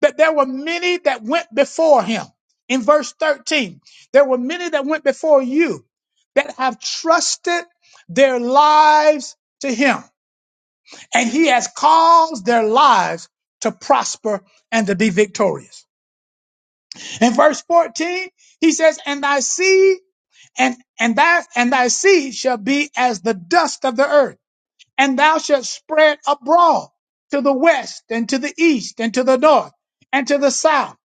Speaker 3: that there were many that went before him. In verse 13, there were many that went before you that have trusted their lives to him and he has caused their lives to prosper and to be victorious. In verse 14, he says, and thy seed and, and that, and thy seed shall be as the dust of the earth and thou shalt spread abroad to the west and to the east and to the north and to the south.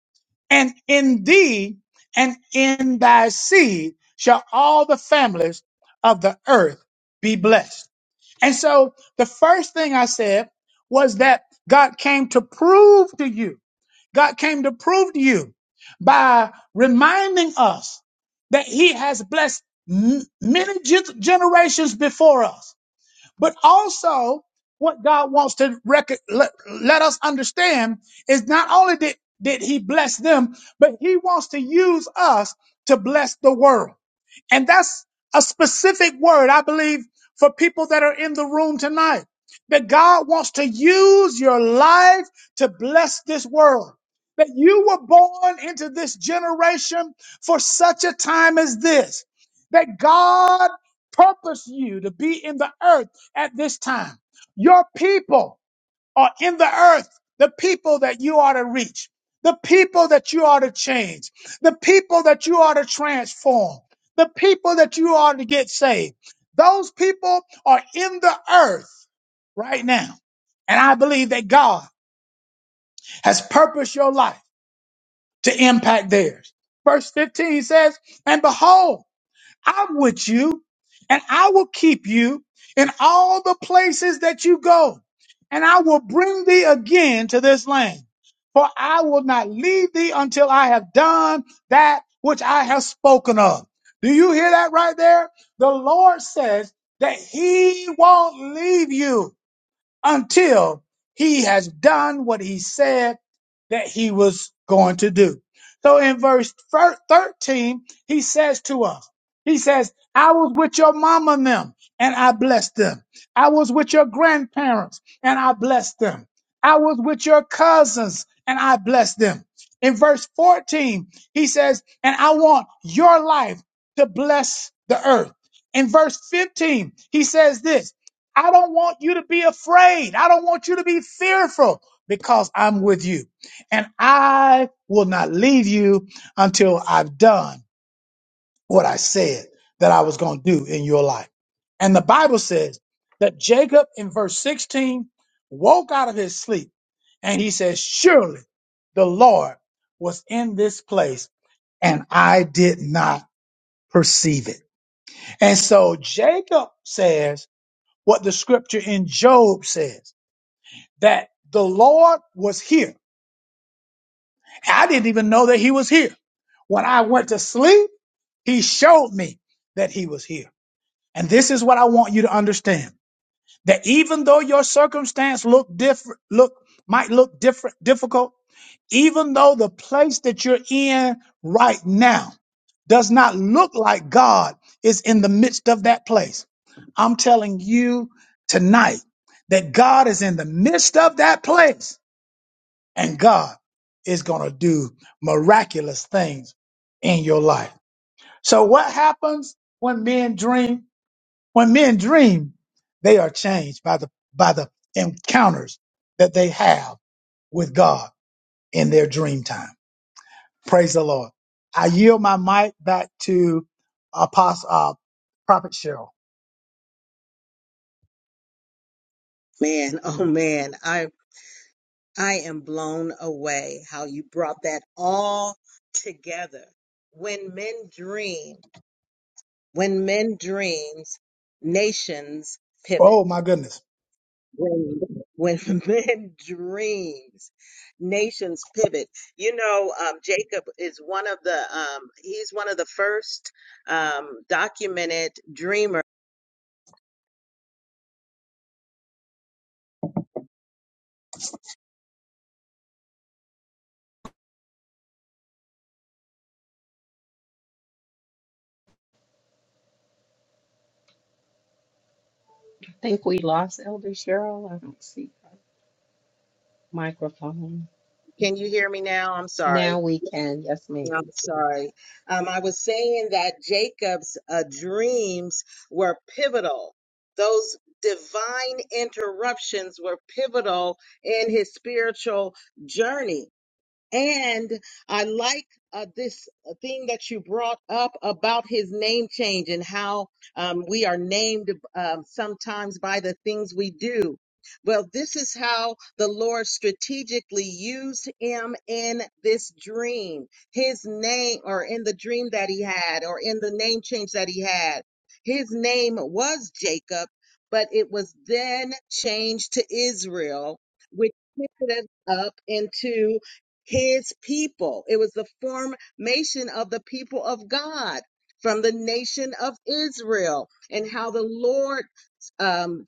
Speaker 3: And in thee and in thy seed shall all the families of the earth be blessed. And so the first thing I said was that God came to prove to you, God came to prove to you by reminding us that He has blessed m- many gen- generations before us. But also, what God wants to rec- let, let us understand is not only did, did He bless them, but He wants to use us to bless the world. And that's a specific word, I believe, for people that are in the room tonight. That God wants to use your life to bless this world. That you were born into this generation for such a time as this. That God purposed you to be in the earth at this time. Your people are in the earth, the people that you are to reach, the people that you are to change, the people that you are to transform, the people that you are to get saved. Those people are in the earth right now. And I believe that God has purposed your life to impact theirs. Verse 15 says, And behold, I'm with you and I will keep you in all the places that you go. And I will bring thee again to this land. For I will not leave thee until I have done that which I have spoken of. Do you hear that right there? The Lord says that he won't leave you until he has done what he said that he was going to do. So in verse thir- 13, he says to us, he says, I was with your mama and them and I blessed them. I was with your grandparents and I blessed them. I was with your cousins and I blessed them. In verse 14, he says, and I want your life to bless the earth. In verse 15, he says this. I don't want you to be afraid. I don't want you to be fearful because I'm with you. And I will not leave you until I've done what I said that I was going to do in your life. And the Bible says that Jacob in verse 16 woke out of his sleep and he says, Surely the Lord was in this place and I did not perceive it. And so Jacob says what the scripture in Job says that the Lord was here. I didn't even know that he was here. When I went to sleep, he showed me that he was here. And this is what I want you to understand. That even though your circumstance look different, look might look different, difficult, even though the place that you're in right now does not look like God is in the midst of that place. I'm telling you tonight that God is in the midst of that place and God is going to do miraculous things in your life. So what happens when men dream? When men dream, they are changed by the by the encounters that they have with God in their dream time. Praise the Lord. I yield my mic back to Apostle uh, Prophet Cheryl.
Speaker 1: Man, oh man, I, I am blown away how you brought that all together. When men dream, when men dreams, nations pivot.
Speaker 3: Oh my goodness.
Speaker 1: when when men dreams nations pivot you know um, jacob is one of the um, he's one of the first um, documented dreamer
Speaker 2: I think we lost Elder Cheryl. I don't see. microphone.
Speaker 1: can you hear me now i'm sorry
Speaker 2: Now we can. Yes, ma'am.
Speaker 1: i'm sorry um, i was saying that jacob's uh, dreams were pivotal those divine interruptions were pivotal in his spiritual journey And I like uh, this thing that you brought up about his name change and how um, we are named um, sometimes by the things we do. Well, this is how the Lord strategically used him in this dream, his name, or in the dream that he had, or in the name change that he had. His name was Jacob, but it was then changed to Israel, which picked it up into his people. It was the formation of the people of God from the nation of Israel and how the Lord um,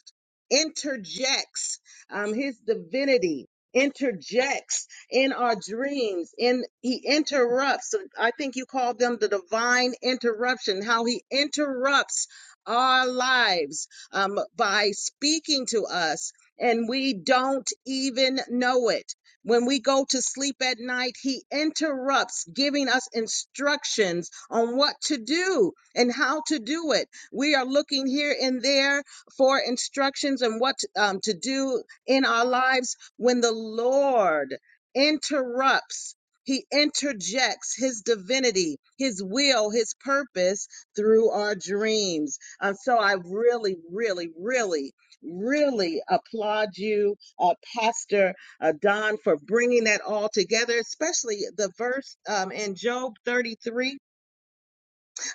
Speaker 1: interjects um, his divinity interjects in our dreams in he interrupts i think you call them the divine interruption how he interrupts our lives um, by speaking to us and we don't even know it when we go to sleep at night he interrupts giving us instructions on what to do and how to do it we are looking here and there for instructions and what um, to do in our lives when the Lord interrupts. He interjects his divinity, his will, his purpose through our dreams. Um, so I really, really, really, really applaud you, uh, Pastor uh, Don, for bringing that all together, especially the verse um, in Job 33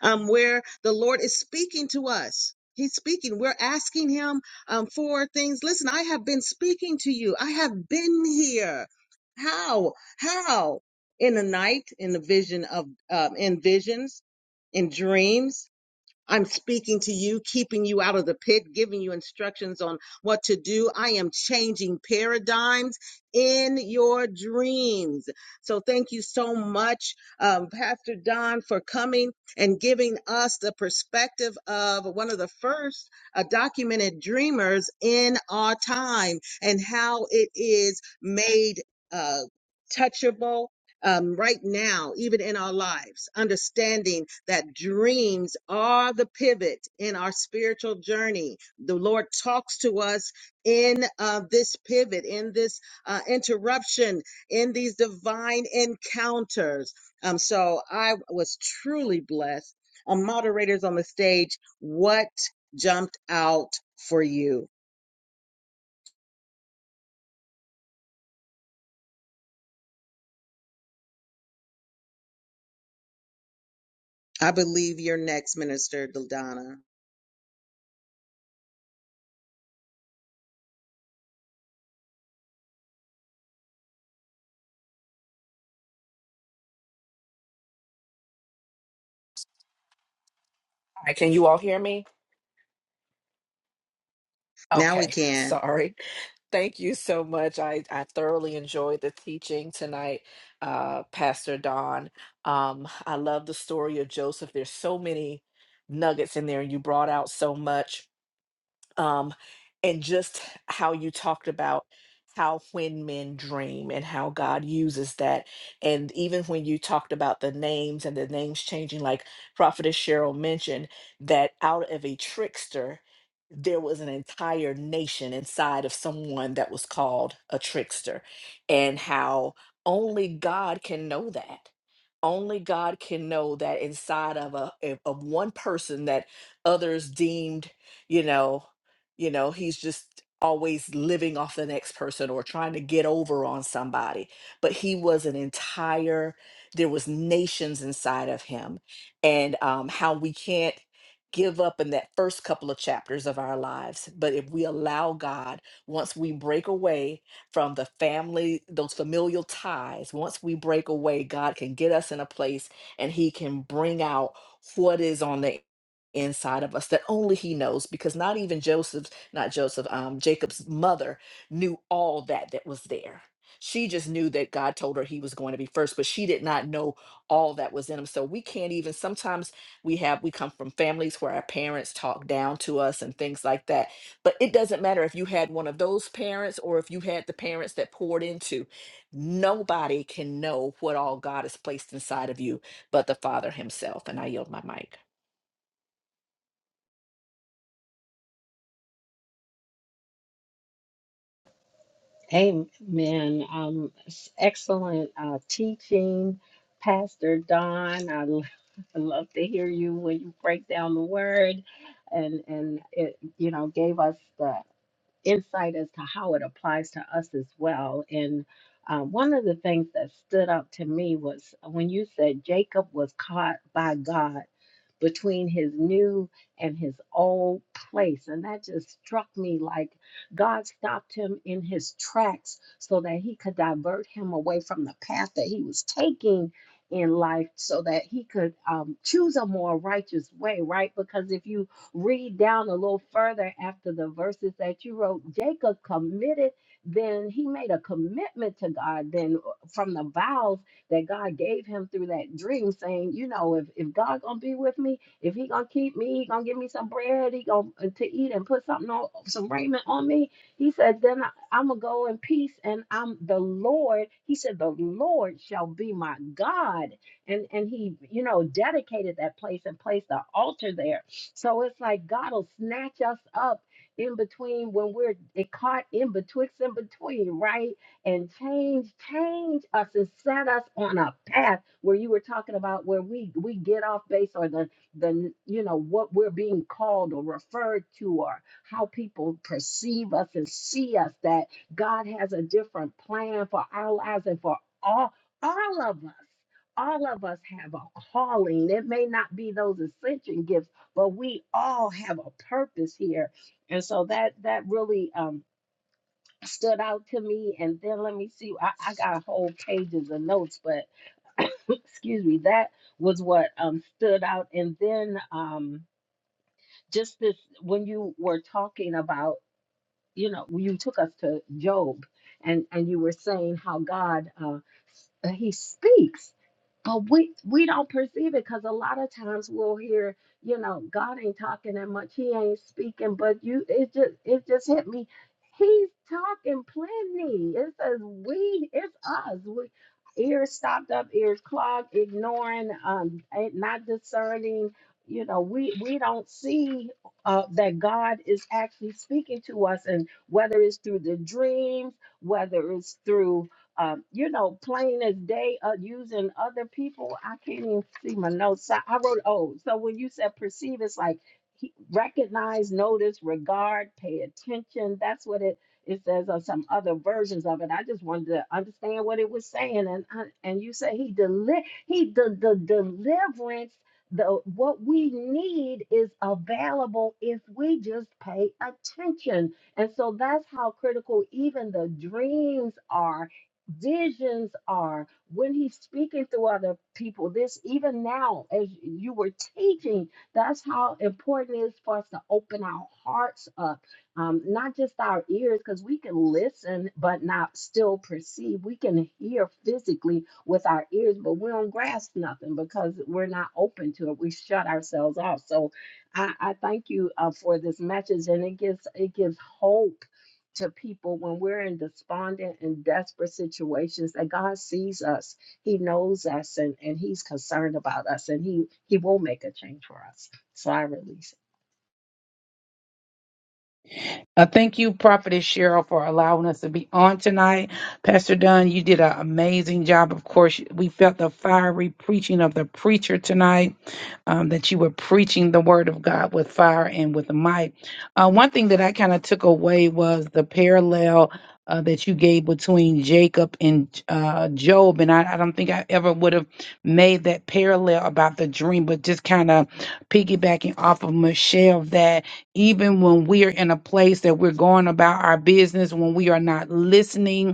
Speaker 1: um, where the Lord is speaking to us. He's speaking. We're asking Him um, for things. Listen, I have been speaking to you. I have been here. How? How? In the night, in the vision of, um, in visions, in dreams I'm speaking to you, keeping you out of the pit, giving you instructions on what to do. I am changing paradigms in your dreams. So thank you so much, um, Pastor Don, for coming and giving us the perspective of one of the first uh, documented dreamers in our time and how it is made uh, touchable um, right now, even in our lives, understanding that dreams are the pivot in our spiritual journey. The Lord talks to us in uh, this pivot, in this uh, interruption, in these divine encounters. Um, so I was truly blessed. Uh, moderators on the stage, what jumped out for you? I believe you're next, Minister Dildana.
Speaker 4: Hi, can you all hear me?
Speaker 1: Now we
Speaker 4: Okay,
Speaker 1: can.
Speaker 4: sorry. Thank you so much. I, I thoroughly enjoyed the teaching tonight, uh, Pastor Don. Um, I love the story of Joseph. There's so many nuggets in there, and you brought out so much. Um, and just how you talked about how when men dream and how God uses that. And even when you talked about the names and the names changing, like Prophetess Cheryl mentioned, that out of a trickster, there was an entire nation inside of someone that was called a trickster, and how only God can know that. Only God can know that inside of a of of one person that others deemed, you know, you know, he's just always living off the next person or trying to get over on somebody. But he was an entire, there was nations inside of him, and um, how we can't give up in that first couple of chapters of our lives. But if we allow God, once we break away from the family, those familial ties, once we break away, God can get us in a place and He can bring out what is on the inside of us that only he knows because not even joseph's not joseph um jacob's mother knew all that that was there she just knew that god told her he was going to be first but she did not know all that was in him so we can't even sometimes we have we come from families where our parents talk down to us and things like that but it doesn't matter if you had one of those parents or if you had the parents that poured into nobody can know what all god has placed inside of you but the father himself and i yield my mic
Speaker 2: Amen. Um, s- excellent uh, teaching, Pastor Don. I, l- I love to hear you when you break down the word, and and it you know gave us the insight as to how it applies to us as well. And uh, one of the things that stood out to me was when you said Jacob was caught by God. between his new and his old place. And that just struck me like God stopped him in his tracks so that he could divert him away from the path that he was taking in life so that he could um, choose a more righteous way, right? Because if you read down a little further after the verses that you wrote, Jacob committed, then he made a commitment to God, then uh, from the vows that God gave him through that dream, saying, you know, if, if God gonna be with me, if he gonna keep me, he gonna give me some bread, he gonna uh, to eat and put something on some raiment on me. He said, then I, I'm gonna go in peace and I'm the Lord. He said, the Lord shall be my God. And and he, you know, dedicated that place and placed the altar there. So it's like God will snatch us up in between when we're it caught in betwixt and between, right? and change change us and set us on a path where you were talking about where we we get off base or the the you know what we're being called or referred to or how people perceive us and see us that God has a different plan for our lives and for all all of us all of us have a calling. It may not be those ascension gifts, but we all have a purpose here. And so that that really um stood out to me. And then let me see, I, I got whole pages of notes, but excuse me, that was what um, stood out. And then um, just this, when you were talking about, you know, you took us to Job and, and you were saying how God, uh, s- uh, he speaks but we we don't perceive it because a lot of times we'll hear you know god ain't talking that much he ain't speaking but you it just it just hit me he's talking plenty it says we it's us we ears stopped up ears clogged ignoring um ain't not discerning you know we we don't see uh, that god is actually speaking to us and whether it's through the dreams whether it's through um, you know, plain as day, uh, using other people. I can't even see my notes. So I wrote, oh, so when you said perceive, it's like he, recognize, notice, regard, pay attention. That's what it it says on some other versions of it. I just wanted to understand what it was saying, and I, and you say he deli- he the the deliverance. The, what we need is available if we just pay attention. And so that's how critical even the dreams are visions are when he's speaking through other people this even now as you were teaching that's how important it is for us to open our hearts up um, not just our ears because we can listen but not still perceive we can hear physically with our ears but we don't grasp nothing because we're not open to it we shut ourselves off so i, I thank you uh, for this message and it gives it gives hope to people when we're in despondent and desperate situations that God sees us, He knows us, and, and He's concerned about us, and He He will make a change for us. So I release. it.
Speaker 5: Uh, thank you, Prophetess Cheryl, for allowing us to be on tonight. Pastor Dunn, you did an amazing job. Of course, we felt the fiery preaching of the preacher tonight, um, that you were preaching the word of God with fire and with might. Uh, one thing that I kind of took away was the parallel uh, that you gave between Jacob and uh, Job. And I, I don't think I ever would have made that parallel about the dream, but just kind of piggybacking off of Michelle that even when we are in a place that we're going about our business, when we are not listening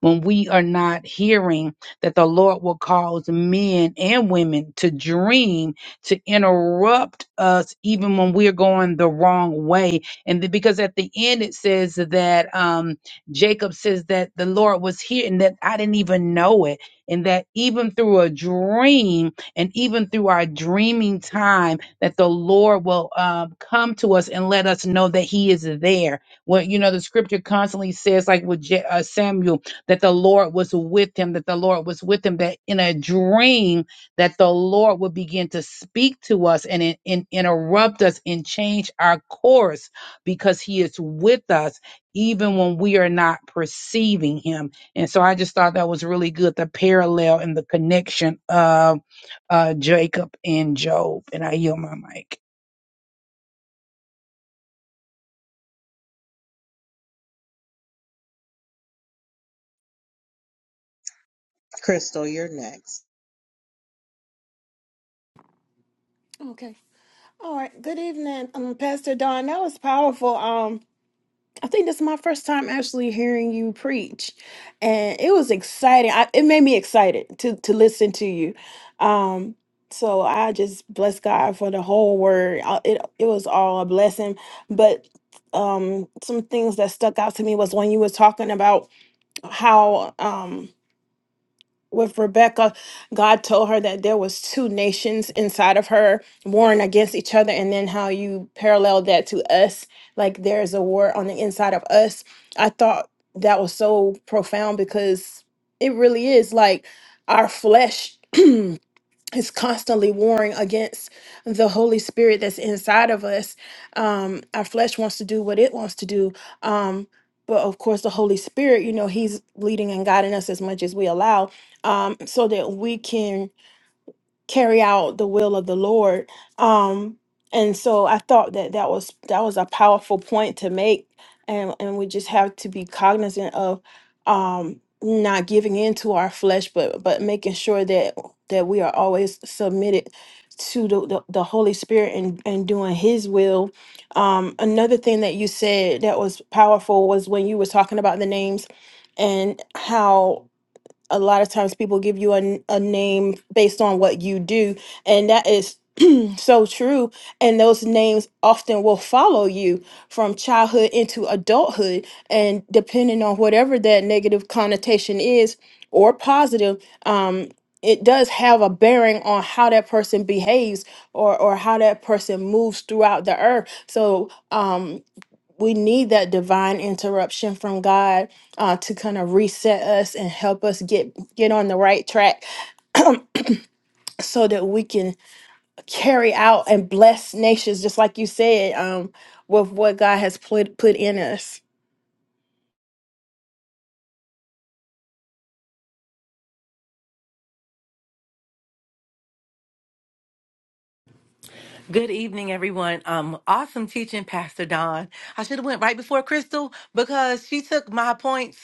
Speaker 5: when we are not hearing that the Lord will cause men and women to dream to interrupt us even when we're going the wrong way. And th- because at the end it says that um, Jacob says that the Lord was here and that I didn't even know it. And that even through a dream and even through our dreaming time, that the Lord will um, come to us and let us know that He is there. Well, you know, the scripture constantly says, like with Ja- uh, Samuel, that the Lord was with him, that the Lord was with him, that in a dream that the Lord would begin to speak to us and, in- in- interrupt us and change our course because he is with us even when we are not perceiving him. And so I just thought that was really good, the parallel and the connection of uh, Jacob and Job. And I yield my mic.
Speaker 1: Crystal, you're next.
Speaker 6: Okay. All right. Good evening, um, Pastor Don. That was powerful. Um, I think this is my first time actually hearing you preach, and it was exciting. I, it made me excited to to listen to you. Um, so I just bless God for the whole word. Uh, It it was all a blessing, but um, some things that stuck out to me was when you were talking about how um, with Rebecca, God told her that there was two nations inside of her warring against each other, and then how you paralleled that to us, like there's a war on the inside of us. I thought that was so profound because it really is like our flesh. It's constantly warring against the Holy Spirit that's inside of us. Um, our flesh wants to do what it wants to do. Um, but of course, the Holy Spirit, you know, He's leading and guiding us as much as we allow um, so that we can carry out the will of the Lord. Um, and so I thought that that was that was a powerful point to make, and and we just have to be cognizant of um, not giving in to our flesh, but but making sure that that we are always submitted to the, the, the Holy Spirit and, and doing his will. Um, another thing that you said that was powerful was when you were talking about the names and how a lot of times people give you a, n- a name based on what you do and that is so true and those names often will follow you from childhood into adulthood and depending on whatever that negative connotation is or positive um it does have a bearing on how that person behaves or or how that person moves throughout the earth so um we need that divine interruption from God uh, to kind of reset us and help us get get on the right track, so that we can carry out and bless nations, just like you said, um, with what God has put put in us.
Speaker 7: Good evening, everyone. Um, awesome teaching, Pastor Don. I should have went right before Crystal because she took my points.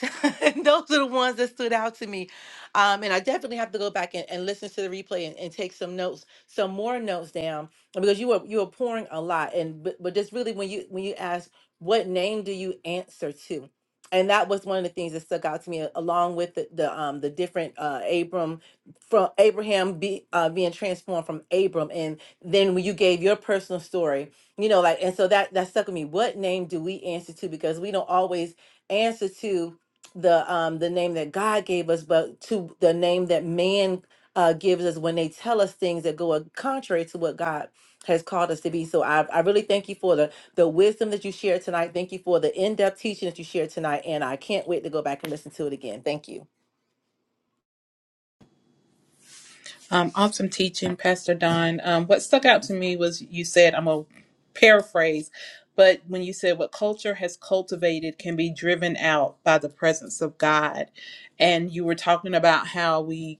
Speaker 7: Those are the ones that stood out to me. Um, and I definitely have to go back and, and listen to the replay and, and take some notes, some more notes down because you were you were pouring a lot. And but, but just really when you when you ask what name do you answer to, and that was one of the things that stuck out to me along with the, the um the different uh Abram from Abraham be, uh, being transformed from Abram and then when you gave your personal story you know like and so that that stuck with me what name do we answer to because we don't always answer to the um the name that god gave us but to the name that man uh gives us when they tell us things that go contrary to what god has called us to be so i, I really thank you for the the wisdom that you shared tonight thank you for the in-depth teaching that you shared tonight and i can't wait to go back and listen to it again thank you
Speaker 8: Um, awesome teaching, Pastor Don. Um, what stuck out to me was you said, I'm going to paraphrase, but when you said what culture has cultivated can be driven out by the presence of God. And you were talking about how we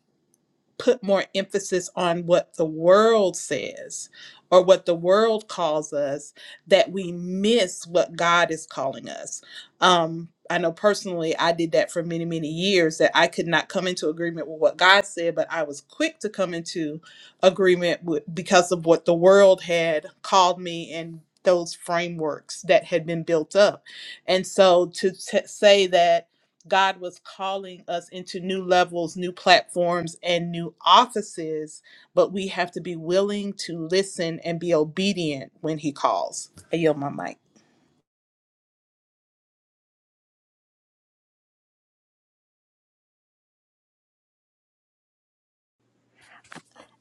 Speaker 8: put more emphasis on what the world says or what the world calls us that we miss what God is calling us. Um, I know personally, I did that for many, many years that I could not come into agreement with what God said, but I was quick to come into agreement with, because of what the world had called me and those frameworks that had been built up. And so to t- say that God was calling us into new levels, new platforms, and new offices, but we have to be willing to listen and be obedient when He calls. I yield my mic.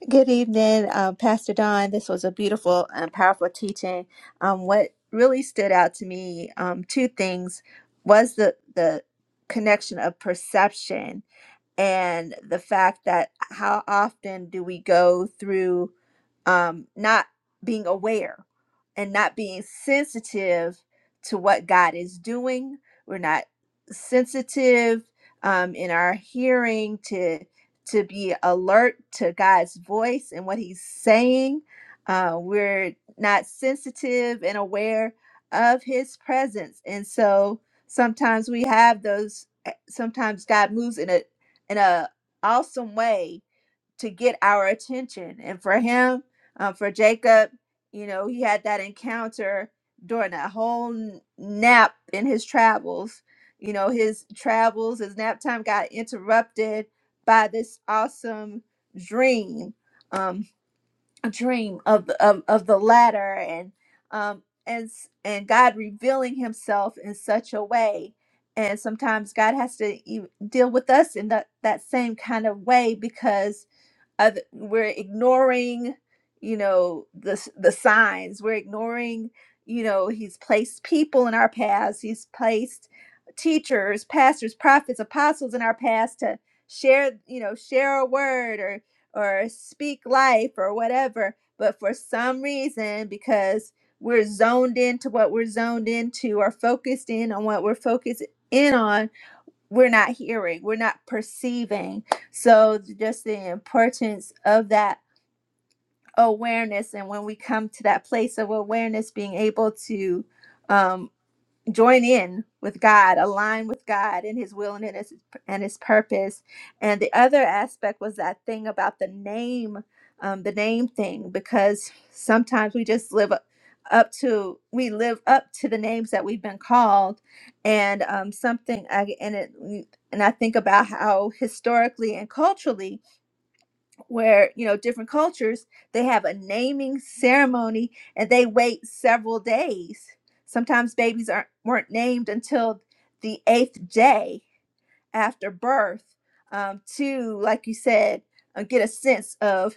Speaker 9: Good evening, um, Pastor Don. This was a beautiful and powerful teaching. Um, what really stood out to me, um, two things, was the the connection of perception and the fact that how often do we go through um, not being aware and not being sensitive to what God is doing. We're not sensitive um, in our hearing to to be alert to God's voice and what He's saying. Uh, we're not sensitive and aware of His presence, and so sometimes we have those. eh, Sometimes God moves in a in a awesome way to get our attention. And for him, uh, for Jacob, you know, he had that encounter during that whole n- nap in his travels. You know, his travels, his nap time got interrupted by this awesome dream. Um, a dream of the, of, of the latter and um and s- and God revealing himself in such a way and sometimes God has to e- deal with us in that that same kind of way because other, we're ignoring you know the the signs we're ignoring you know he's placed people in our paths he's placed teachers pastors prophets apostles in our paths to share you know share a word or or speak life or whatever but for some reason because we're zoned into what we're zoned into or focused in on what we're focused in on we're not hearing, we're not perceiving. So just the importance of that awareness, and when we come to that place of awareness, being able to um join in with God, align with God in His will and in His and His purpose. And the other aspect was that thing about the name, um, the name thing, because sometimes we just live up up to we live up to the names that we've been called, and um, something I, and it and I think about how historically and culturally where you know different cultures they have a naming ceremony and they wait several days sometimes babies aren't weren't named until the eighth day after birth um, to, like you said, uh, get a sense of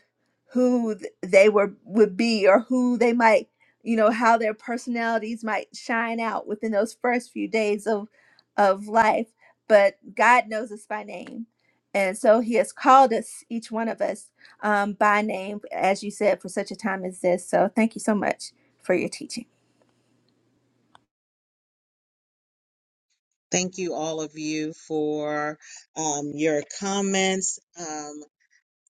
Speaker 9: who th- they were would be or who they might, you know, how their personalities might shine out within those first few days of of life. But God knows us by name, and so He has called us each one of us um, by name, as you said, for such a time as this. So thank you so much for your teaching.
Speaker 1: Thank you, all of you, for um, your comments. Um,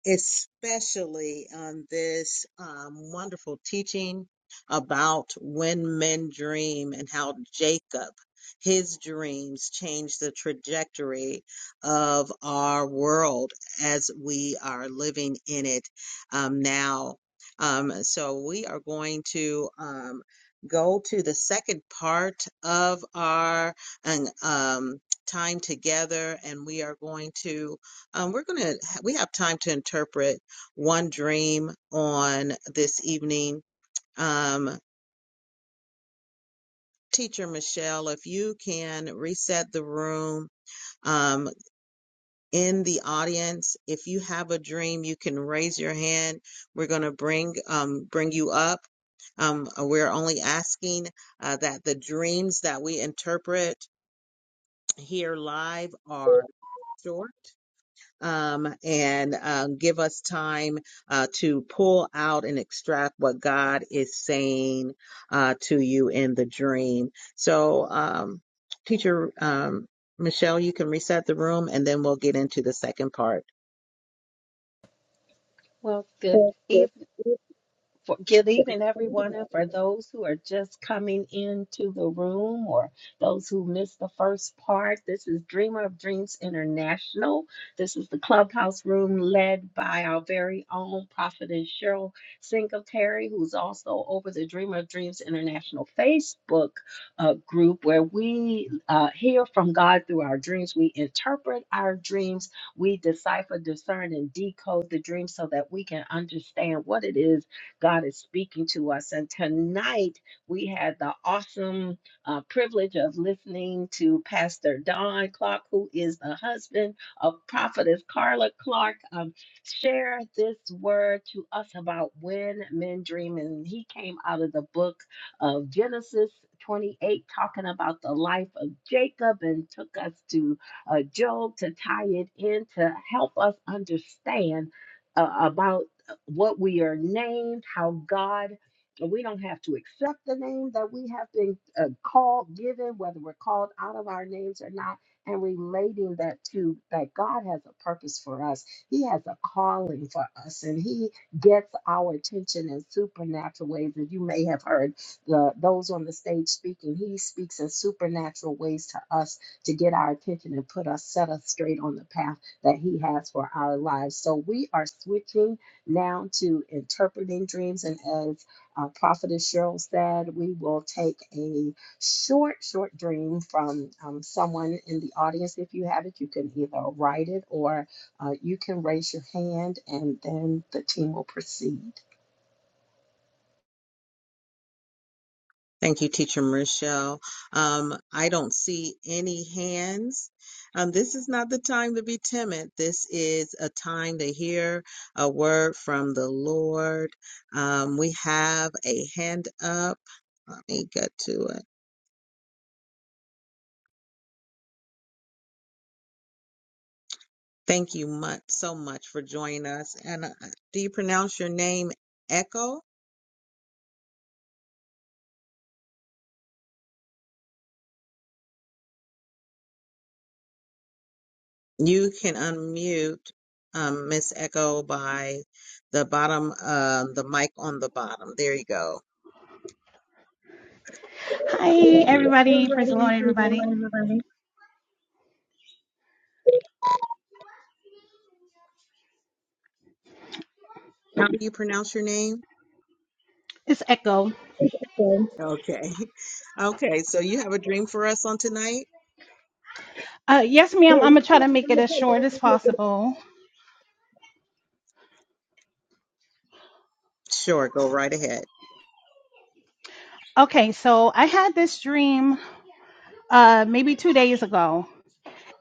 Speaker 1: especially on this um, wonderful teaching about when men dream and how Jacob, his dreams, change the trajectory of our world as we are living in it um, now. Um, so we are going to. Um, Go to the second part of our um, um, time together, and we are going to um, we're going to, we have time to interpret one dream on this evening. Um, Teacher Michelle, if you can reset the room um, in the audience, if you have a dream, you can raise your hand. We're going to bring um, bring you up. Um, we're only asking uh, that the dreams that we interpret here live are short um, and um, give us time uh, to pull out and extract what God is saying uh, to you in the dream. So, um, teacher um, Michelle, you can reset the room and then we'll get into the second part.
Speaker 2: Well, good evening. For, good evening, everyone, and for those who are just coming into the room or those who missed the first part, this is Dreamer of Dreams International. This is the clubhouse room led by our very own prophetess Cheryl Singletary, who's also over the Dreamer of Dreams International Facebook uh, group, where we uh, hear from God through our dreams. We interpret our dreams, we decipher, discern, and decode the dreams so that we can understand what it is God is speaking to us. And tonight we had the awesome uh, privilege of listening to Pastor Don Clark, who is the husband of Prophetess Carla Clark, um, share this word to us about when men dream. And he came out of the book of Genesis 28, talking about the life of Jacob, and took us to uh, Job to tie it in to help us understand. uh, about what we are named, how God, we don't have to accept the name that we have been uh, called, given, whether we're called out of our names or not, and relating that to that God has a purpose for us. He has a calling for us, and He gets our attention in supernatural ways. As you may have heard the, those on the stage speaking, He speaks in supernatural ways to us to get our attention and put us, set us straight on the path that He has for our lives. So we are switching now to interpreting dreams. And as uh, Prophetess Cheryl said, we will take a short, short dream from um, someone in the audience. If you have it, you can either write it or uh, you can raise your hand, and then the team will proceed.
Speaker 1: Thank you, Teacher Michelle. Um, I don't see any hands. Um, this is not the time to be timid. This is a time to hear a word from the Lord. Um, we have a hand up. Let me get to it. Thank you much so much for joining us. And uh, do you pronounce your name Echo? You can unmute um, Miss Echo by the bottom, uh, the mic on the bottom. There you go.
Speaker 10: Hi, everybody. Praise the Lord, everybody.
Speaker 1: How do you pronounce your name?
Speaker 10: It's Echo.
Speaker 1: Okay. Okay. So you have a dream for us on tonight?
Speaker 10: Uh, yes, ma'am. I'm going to try to make it as short as possible.
Speaker 1: Sure, go right ahead.
Speaker 10: Okay, so I had this dream uh, maybe two days ago.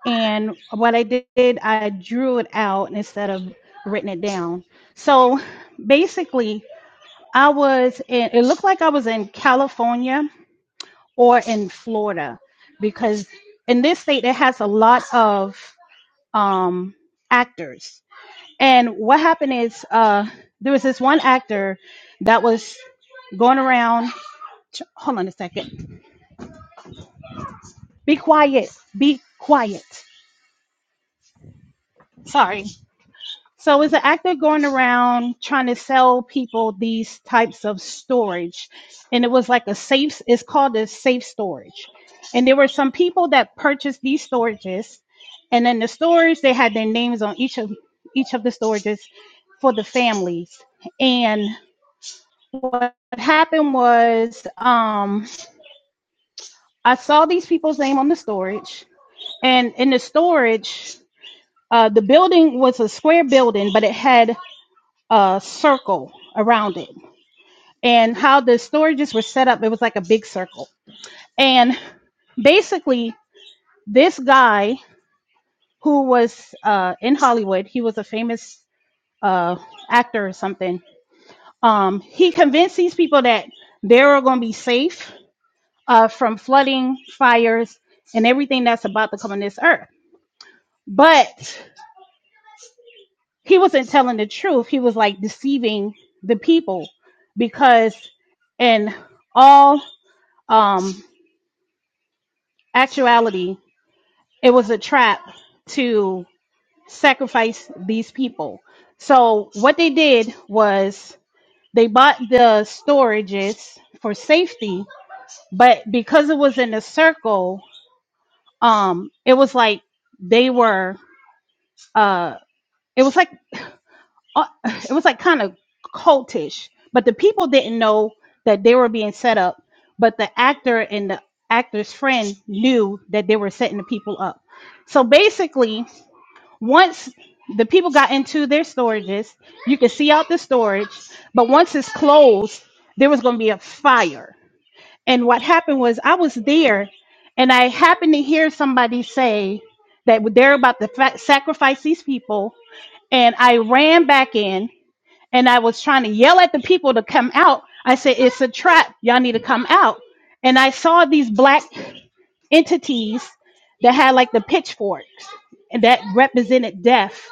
Speaker 10: And what I did, I drew it out instead of written it down. So basically, I was in, it looked like I was in California or in Florida because in this state, it has a lot of um, actors And what happened is uh, there was this one actor that was going around. ch- Hold on a second. Be quiet. Be quiet. Sorry. So it's an actor going around trying to sell people these types of storage, and it was like a safe. It's called a safe storage, and there were some people that purchased these storages, and then the storage they had their names on each of each of the storages for the families, and. what happened was um, I saw these people's name on the storage, and in the storage, uh, the building was a square building, but it had a circle around it. And how the storages were set up, it was like a big circle. And basically, this guy who was uh, in Hollywood, he was a famous uh, actor or something. Um, he convinced these people that they were going to be safe uh, from flooding, fires, and everything that's about to come on this earth. But he wasn't telling the truth. He was like deceiving the people because, in all um, actuality, it was a trap to sacrifice these people. So, what they did was they bought the storages for safety, but because it was in a circle, um, it was like they were uh it was like uh, it was like kind of cultish but the people didn't know that they were being set up but the actor and the actor's friend knew that they were setting the people up so basically once the people got into their storages you could see out the storage but once it's closed there was going to be a fire and what happened was i was there and i happened to hear somebody say that they're about to fa- sacrifice these people and I ran back in and I was trying to yell at the people to come out. I said, It's a trap. Y'all need to come out. And I saw these black entities that had like the pitchforks and that represented death.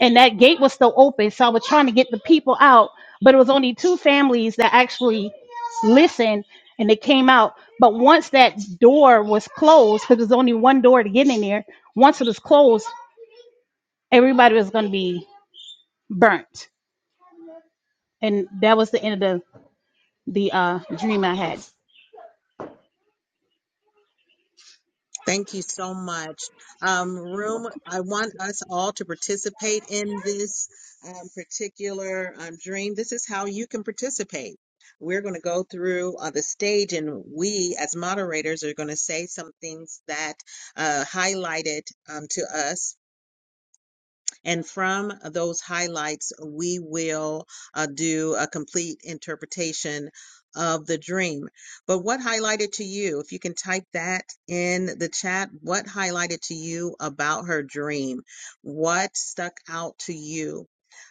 Speaker 10: And that gate was still open. So I was trying to get the people out, but it was only two families that actually listened and they came out. But once that door was closed, because there's only one door to get in there, once it was closed, everybody was going to be burnt. and that was the end of the the uh dream I had.
Speaker 1: Thank you so much. Um, room, I want us all to participate in this um, particular um, dream. This is how you can participate. We're going to go through uh, the stage, and we, as moderators, are going to say some things that uh, highlighted um, to us And from those highlights, we will uh, do a complete interpretation of the dream. But what highlighted to you, if you can type that in the chat, what highlighted to you about her dream? What stuck out to you?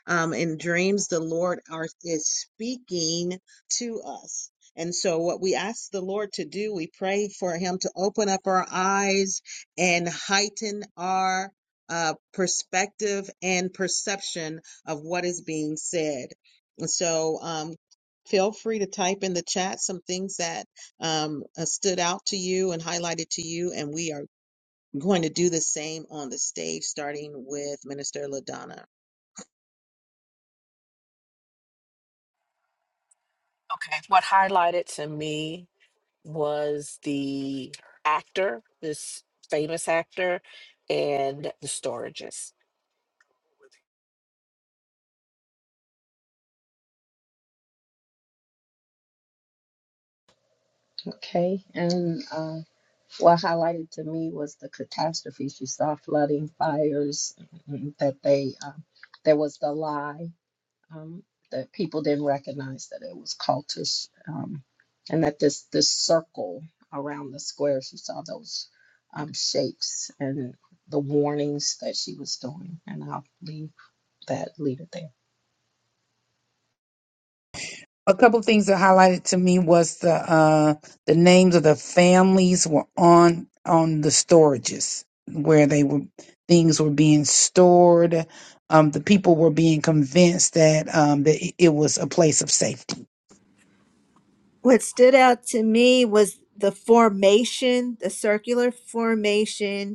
Speaker 1: Um, in dreams, the Lord are, is speaking to us. And so, what we ask the Lord to do, we pray for Him to open up our eyes and heighten our uh, perspective and perception of what is being said. And so um, feel free to type in the chat some things that um, uh, stood out to you and highlighted to you. And we are going to do the same on the stage, starting with Minister LaDonna.
Speaker 4: Okay. What highlighted to me was the actor, this famous actor, and the storages.
Speaker 2: Okay. And uh, what highlighted to me was the catastrophe she saw flooding fires mm, that they um, there was the lie um, that people didn't recognize that it was cultish, um, and that this this circle around the squares, she saw those um, shapes and the warnings that she was doing. And I'll leave that leave it there.
Speaker 5: a couple of things that highlighted to me was the uh the names of the families were on on the storages where they were things were being stored um the people were being convinced that um that it it was a place of safety
Speaker 9: What stood out to me was the formation, the circular formation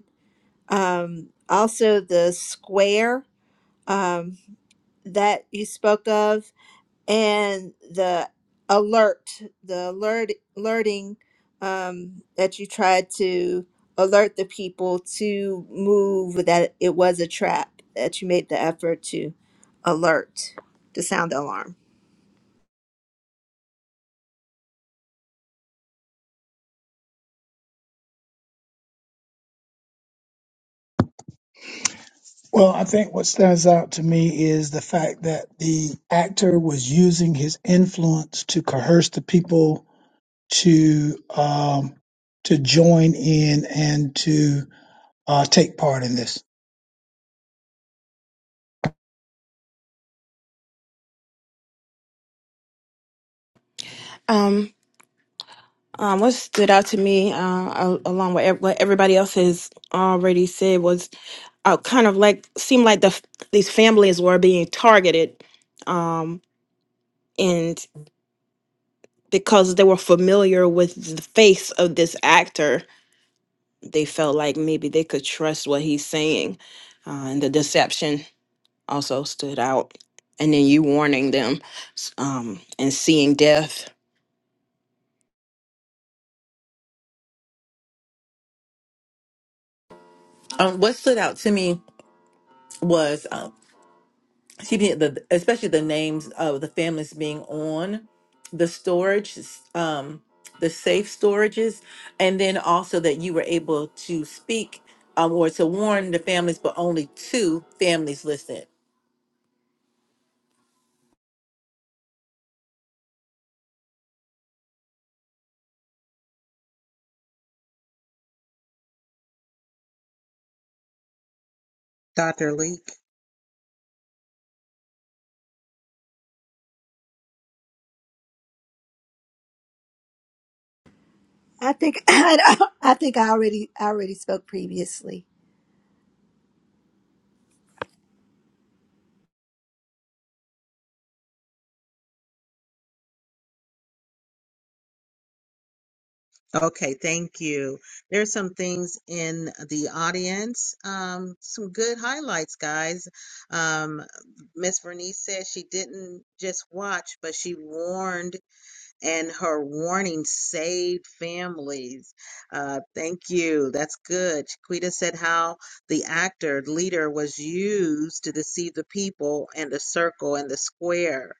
Speaker 9: um, also the square um, that you spoke of, and the alert, the alert alerting um, that you tried to alert the people to move that it was a trap that you made the effort to alert to sound the alarm.
Speaker 3: Well, I think what stands out to me is the fact that the actor was using his influence to coerce the people to um, to join in and to uh, take part in this.
Speaker 6: Um, um, what stood out to me, uh, al- along with ev- what everybody else has already said, was uh, kind of like seemed like the f- these families were being targeted, um, because they were familiar with the face of this actor, they felt like maybe they could trust what he's saying. Uh, and the deception also stood out. And then you warning them s- um, and seeing death.
Speaker 7: um what stood out to me was she be the especially the names of the families being on the storage um the safe storages and then also that you were able to speak um, or to warn the families but only two families listed
Speaker 1: Dr. Leek.
Speaker 9: I think I, think I already I already spoke previously.
Speaker 1: Okay, thank you. There's some things in the audience. Um, some good highlights, guys. Um, Miss Vernice said she didn't just watch, but she warned, and her warning saved families. Uh, thank you. That's good. Chiquita said how the actor leader was used to deceive the people and the circle and the square.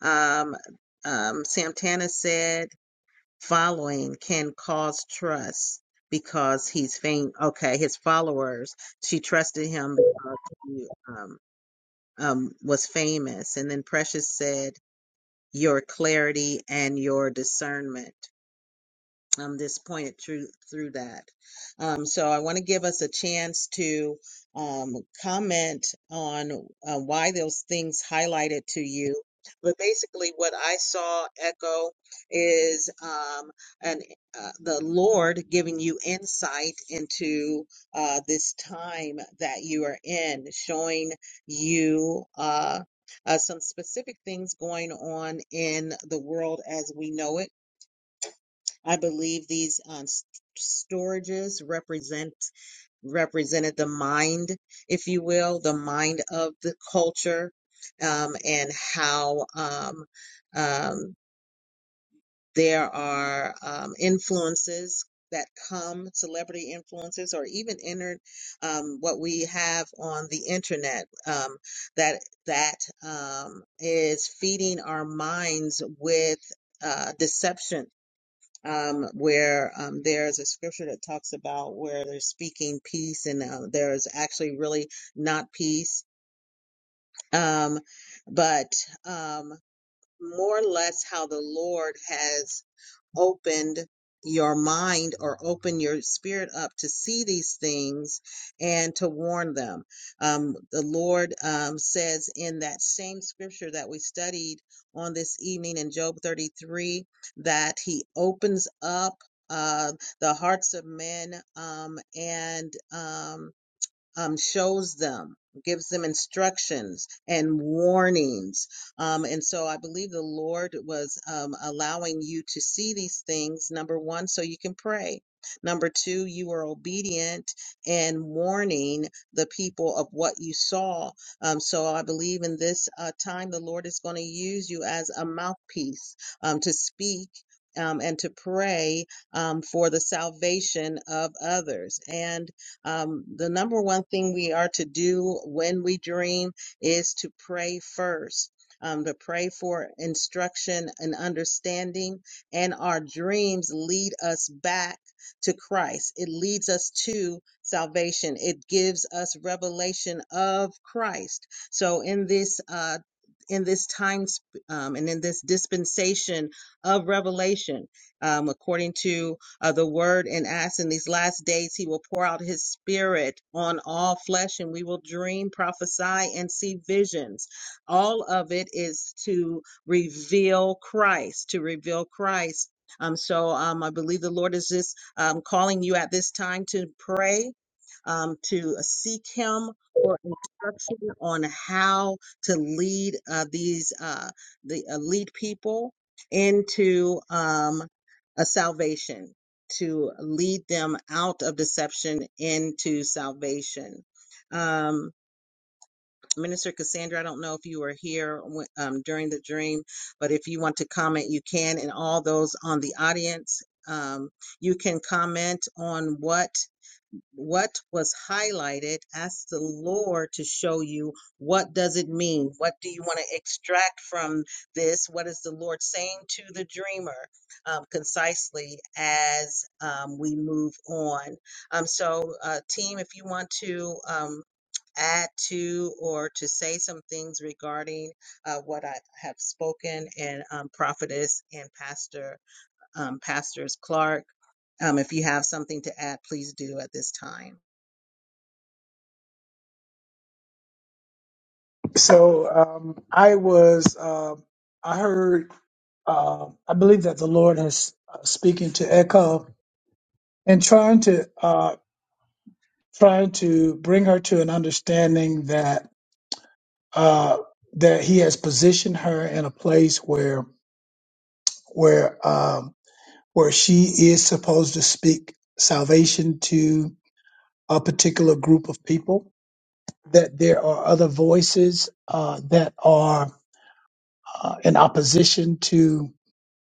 Speaker 1: Um, um, Santana said following can cause trust because he's faint. Okay, his followers. She trusted him because he um, um, was famous. And then Precious said, "Your clarity and your discernment." um, this pointed through through that. Um, so I want to give us a chance to um, comment on uh, why those things highlighted to you. But basically, what I saw echo is um, an uh, the Lord giving you insight into uh, this time that you are in, showing you. Uh, uh, some specific things going on in the world as we know it I believe these um, s- storages represent represented the mind, if you will, the mind of the culture, um, and how um, um, there are um, influences that come, celebrity influences, or even entered um, what we have on the internet um, that that um, is feeding our minds with uh, deception um, where um, there's a scripture that talks about where they're speaking peace and uh, there's actually really not peace, um, but um, more or less how the Lord has opened your mind or open your spirit up to see these things and to warn them. Um, the Lord um, says in that same scripture that we studied on this evening in Job 33 that He opens up uh, the hearts of men um, and um, um, shows them, gives them instructions and warnings. Um, and so I believe the Lord was um, allowing you to see these things, number one, so you can pray. Number two, you were obedient and warning the people of what you saw. Um, so I believe in this uh, time, the Lord is going to use you as a mouthpiece um, to speak. Um, and to pray um, for the salvation of others. And um, the number one thing we are to do when we dream is to pray first. Um, to pray for instruction and understanding, and our dreams lead us back to Christ. It leads us to salvation. It gives us revelation of Christ. So in this uh, in this time sp- um, and in this dispensation of revelation, um, according to uh, the word in Acts. In these last days, he will pour out his spirit on all flesh, and we will dream, prophesy, and see visions. All of it is to reveal Christ, to reveal Christ. Um, so um, I believe the Lord is just um, calling you at this time to pray, um, to seek Him for instruction on how to lead uh, these uh, the uh, lead people into um, a salvation to lead them out of deception into salvation. Um, Minister Cassandra, I don't know if you were here um, during the dream, but if you want to comment, you can. And all those on the audience, um, you can comment on what what was highlighted ask the lord to show you what does it mean what do you want to extract from this what is the lord saying to the dreamer um, concisely as um, we move on um, so uh, team if you want to um, add to or to say some things regarding uh, what i have spoken and um, prophetess and pastor um, pastors clark um, if you have something to add please do at this time
Speaker 3: So um, I was, um I heard, uh, I believe that the Lord is uh, speaking to Echo and trying to uh, trying to bring her to an understanding that uh, that He has positioned her in a place where where um, where she is supposed to speak salvation to a particular group of people. That there are other voices uh, that are uh, in opposition to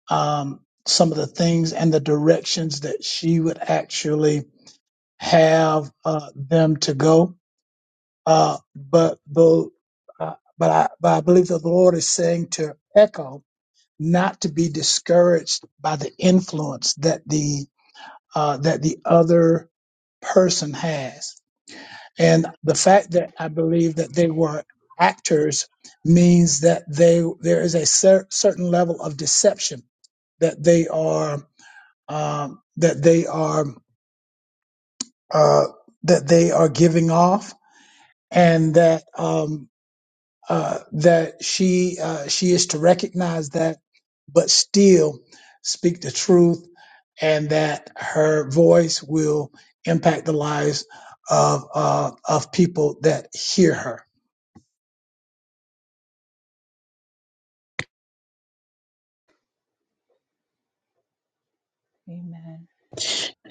Speaker 3: um, some of the things and the directions that she would actually have uh, them to go. Uh, but the uh, but I but I believe that the Lord is saying to Echo not to be discouraged by the influence that the uh, that the other person has, and the fact that I believe that they were actors means that they there is a cer- certain level of deception that they are um, that they are uh, that they are giving off, and that um, uh, that she uh, she is to recognize that, but still speak the truth, and that her voice will impact the lives of uh, of people that hear her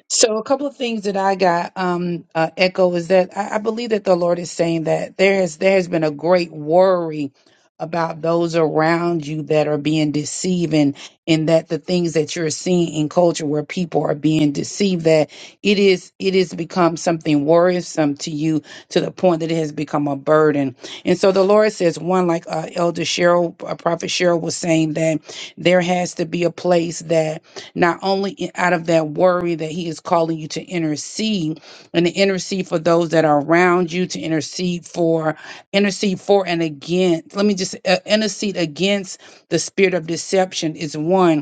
Speaker 5: So, a couple of things that I got um, uh, echo is that I, I believe that the Lord is saying that there is there has been a great worry about those around you that are being deceived, and and that the things that you're seeing in culture where people are being deceived that it is it has become something worrisome to you to the point that it has become a burden. And so the Lord says, one like uh, Elder Cheryl, uh, Prophet Cheryl was saying that there has to be a place that not only i- out of that worry that He is calling you to intercede and to intercede for those that are around you, to intercede for, intercede for and against. Let me just uh, intercede against the spirit of deception is one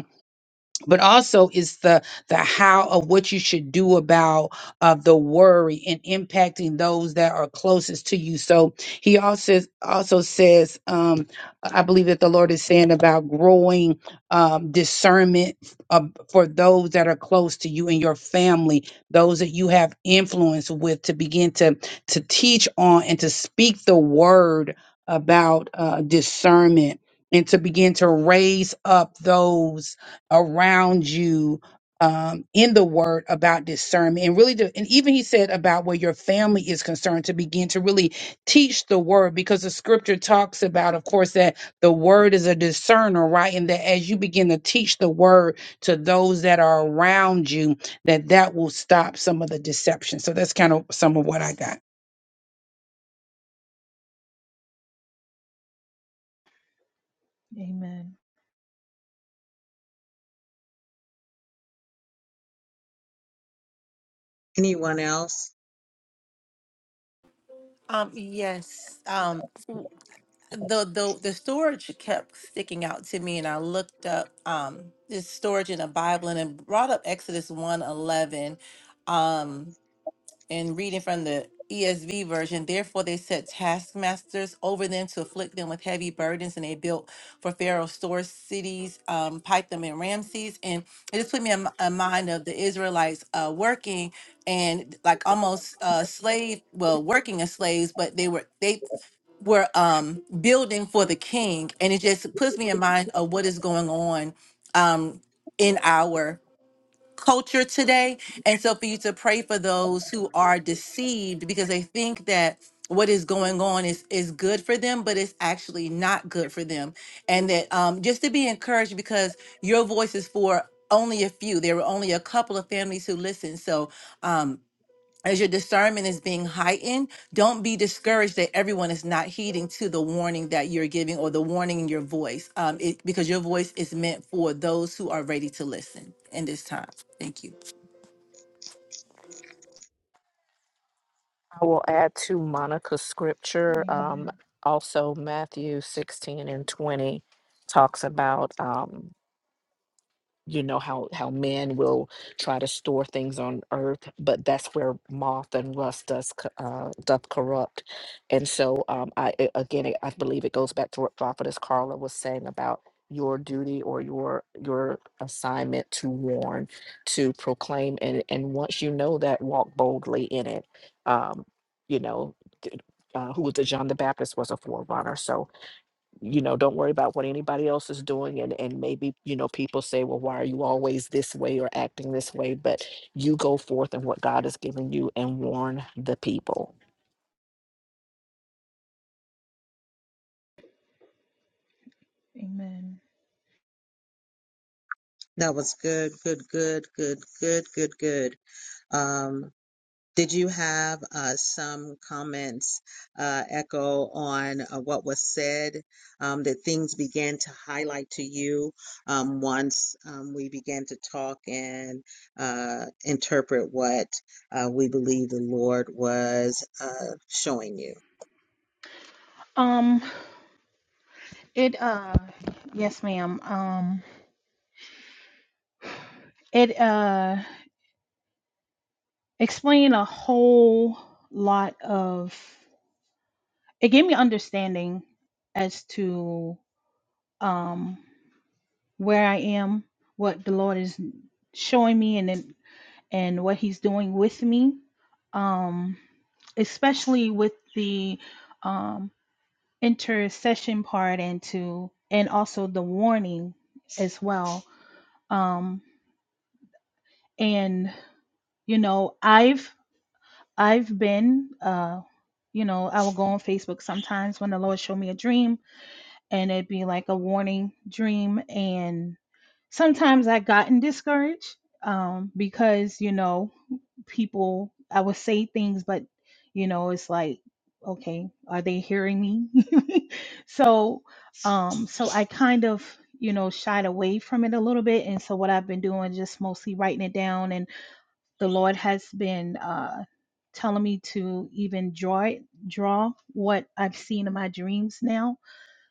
Speaker 5: but also it's the the how of what you should do about of the worry and impacting those that are closest to you so he also also says um i believe that the lord is saying about growing um discernment uh, for those that are close to you and your family those that you have influence with to begin to to teach on and to speak the word about uh discernment and to begin to raise up those around you um, in the word about discernment and really to, and even he said about where your family is concerned to begin to really teach the word because the scripture talks about of course that the word is a discerner right and that as you begin to teach the word to those that are around you that that will stop some of the deception so that's kind of some of what i got
Speaker 1: Anyone else?
Speaker 7: um yes um the the the storage kept sticking out to me and i looked up um this storage in the bible and it brought up exodus one eleven, 11 and reading from the ESV version, therefore they set taskmasters over them to afflict them with heavy burdens, and they built for Pharaoh store cities, um, Pithom and Ramses. And it just put me in, mi- in mind of the Israelites uh, working and like almost uh, slave, well, working as slaves, but they were they were um, building for the king, and it just puts me in mind of what is going on um, in our culture today. And so for you to pray for those who are deceived because they think that what is going on is is good for them, but it's actually not good for them. And that um just to be encouraged because your voice is for only a few. There were only a couple of families who listened. So um as your discernment is being heightened, don't be discouraged that everyone is not heeding to the warning that you're giving or the warning in your voice, um, it, because your voice is meant for those who are ready to listen in this time. Thank you.
Speaker 4: I will add to Monica's scripture. Um, also, Matthew 16 and 20 talks about. um, you know how how man will try to store things on earth but that's where moth and rust does co- uh, doth corrupt and so um i a- again i I believe it goes back to what prophetess carla was saying about your duty or your your assignment to warn to proclaim and and once you know that walk boldly in it um you know d- uh, who was the john the baptist was a forerunner so you know don't worry about what anybody else is doing and and maybe you know people say well why are you always this way or acting this way but you go forth in what god has given you and warn the people
Speaker 1: That was good, good, good, good, good, good, good. Um, did you have uh, some comments uh, echo on uh, what was said? Um, that things began to highlight to you um, once um, we began to talk and uh, interpret what uh, we believe the Lord was uh, showing you.
Speaker 10: Um it uh yes ma'am. Um it uh explained a whole lot of it gave me understanding as to um where I am, what the Lord is showing me and then and what he's doing with me. Um especially with the um, intercession part into and also the warning as well um and you know i've i've been uh you know i will go on facebook sometimes when the lord showed me a dream and it'd be like a warning dream and sometimes i gotten discouraged um because you know people i would say things but you know it's like okay are they hearing me so um so i kind of you know shied away from it a little bit and so what i've been doing is just mostly writing it down and the lord has been uh telling me to even draw it draw what i've seen in my dreams now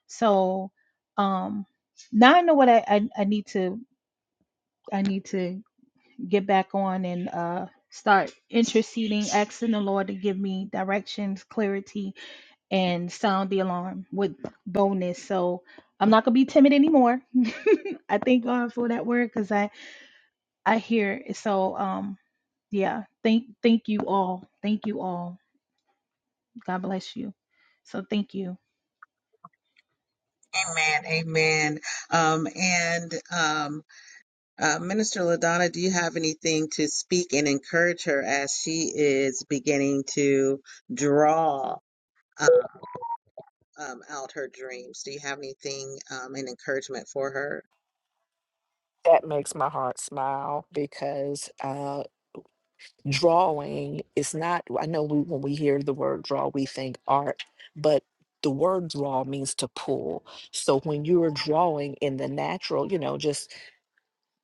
Speaker 10: so um now i know what i i, I need to i need to get back on and uh, start interceding, asking the Lord to give me directions, clarity, and sound the alarm with boldness. So I'm not gonna be timid anymore. I thank God for that word because I I hear it. So um yeah, thank thank you all, thank you all. God bless you. So thank you.
Speaker 1: Amen, amen. Um, and um, Uh, Minister LaDonna, do you have anything to speak and encourage her as she is beginning to draw um, um, out her dreams? Do you have anything um, and encouragement for her
Speaker 4: that makes my heart smile because uh drawing is not i know we, when we hear the word draw we think art but the word draw means to pull so when you're drawing in the natural you know just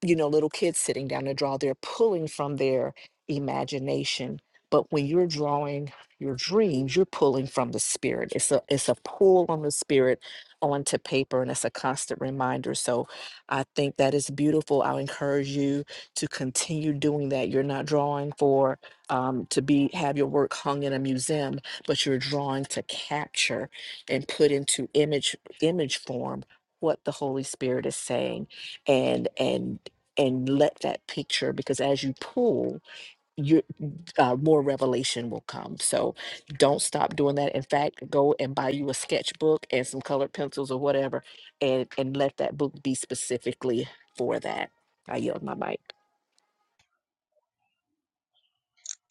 Speaker 4: you know, little kids sitting down to draw, they're pulling from their imagination. But when you're drawing your dreams, you're pulling from the spirit. It's a it's a pull on the spirit onto paper, and it's a constant reminder. So I think that is beautiful. I'll encourage you to continue doing that. You're not drawing for um, to be have your work hung in a museum, but you're drawing to capture and put into image image form what the Holy Spirit is saying and and and let that picture because as you pull your uh, more revelation will come so don't stop doing that in fact go and buy you a sketchbook and some colored pencils or whatever and and let that book be specifically for that i yield my mic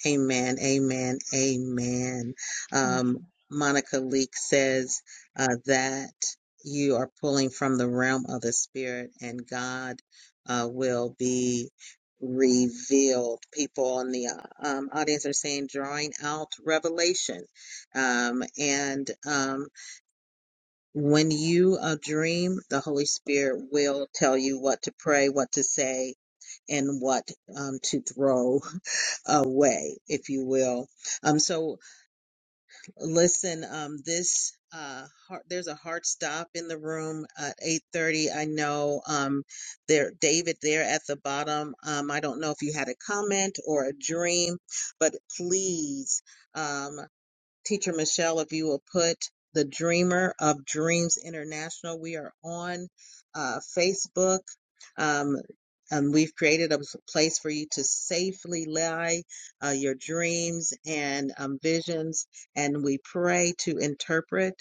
Speaker 1: Amen, amen, amen.
Speaker 10: Thank you.
Speaker 1: Um, Monica Leek says uh, that you are pulling from the realm of the spirit, and God uh, will be revealed. People in the um, audience are saying, drawing out revelation. Um, and um, when you uh, dream, the Holy Spirit will tell you what to pray, what to say, and what um, to throw away, if you will. Um, so listen, um, this uh, heart, there's a hard stop in the room at 8:30. I know um, there, David, there at the bottom. Um, I don't know if you had a comment or a dream, but please. Um. Teacher Michelle, if you will put the Dreamer of Dreams International. We are on uh, Facebook. Um, and we've created a place for you to safely lie uh, your dreams and um, visions. And we pray to interpret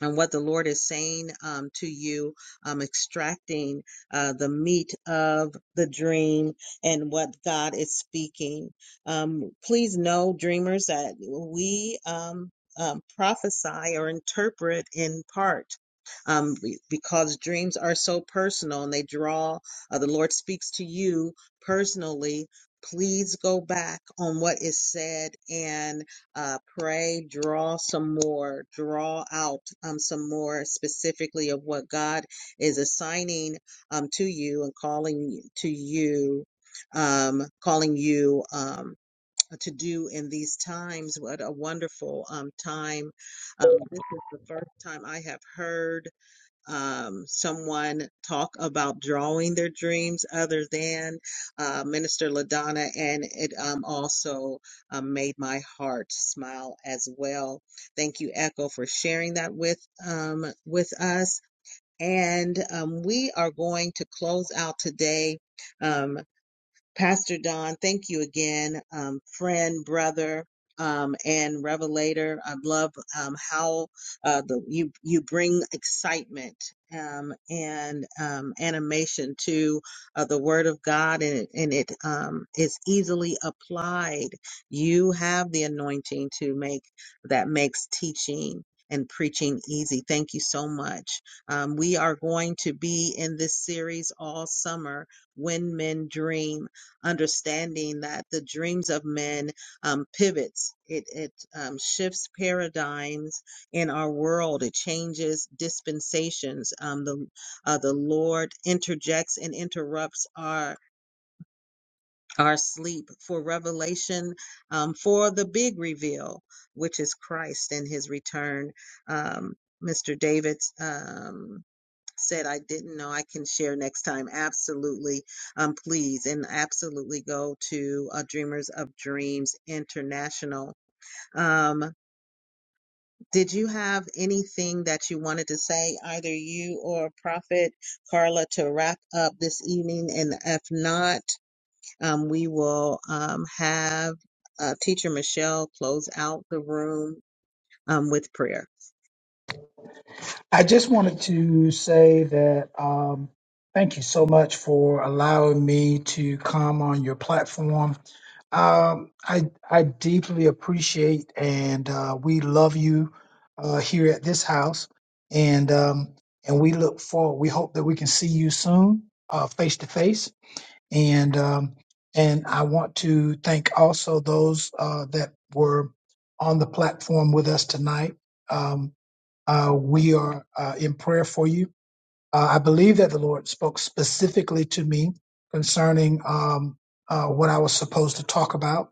Speaker 1: and what the Lord is saying um, to you, um, extracting uh, the meat of the dream and what God is speaking. Um, please know, dreamers, that we um, um, prophesy or interpret in part. Um, because dreams are so personal and they draw, uh, the Lord speaks to you personally. Please go back on what is said and uh, pray, draw some more, draw out um, some more specifically of what God is assigning um, to you and calling to you, um, calling you um, to do in these times. What a wonderful um, time. Um, this is the first time I have heard um, someone talk about drawing their dreams other than uh, Minister LaDonna, and it um, also um, made my heart smile as well. Thank you, Echo, for sharing that with um, with us. And um, we are going to close out today. Um, Pastor Don, thank you again, um, friend, brother, um, and revelator. I love um, how uh, the, you you bring excitement um, and um, animation to uh, the Word of God, and it, and it um, is easily applied. You have the anointing to make that makes teaching. And preaching easy. Thank you so much. Um, we are going to be in this series all summer when men dream understanding that the dreams of men um, pivots it it um, shifts paradigms in our world it changes dispensations um, the uh, the lord interjects and interrupts our our sleep for revelation um, for the big reveal which is christ and his return um, mr david's um, said I didn't know, I can share next time. Absolutely. Um, please and absolutely go to uh, Dreamers of Dreams International. Um, did you have anything that you wanted to say, either you or Prophet Carla, to wrap up this evening? And if not, um, we will um, have uh, Teacher Michelle close out the room um, with prayer.
Speaker 3: I just wanted to say that um, thank you so much for allowing me to come on your platform. Um, I I deeply appreciate and uh, we love you uh, here at this house, and um, and we look forward. We hope that we can see you soon, uh, face to face, and um, and I want to thank also those uh, that were on the platform with us tonight. Um, uh, we are uh, in prayer for you. Uh, I believe that the Lord spoke specifically to me concerning um, uh, what I was supposed to talk about.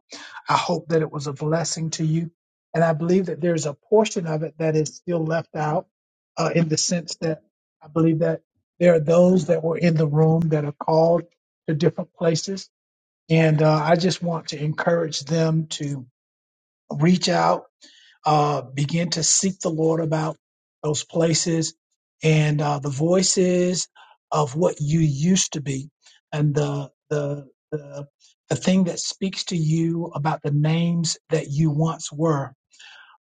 Speaker 3: I hope that it was a blessing to you. And I believe that there's a portion of it that is still left out uh, in the sense that I believe that there are those that were in the room that are called to different places. And uh, I just want to encourage them to reach out uh, begin to seek the Lord about those places and uh, the voices of what you used to be and the, the, the, the thing that speaks to you about the names that you once were.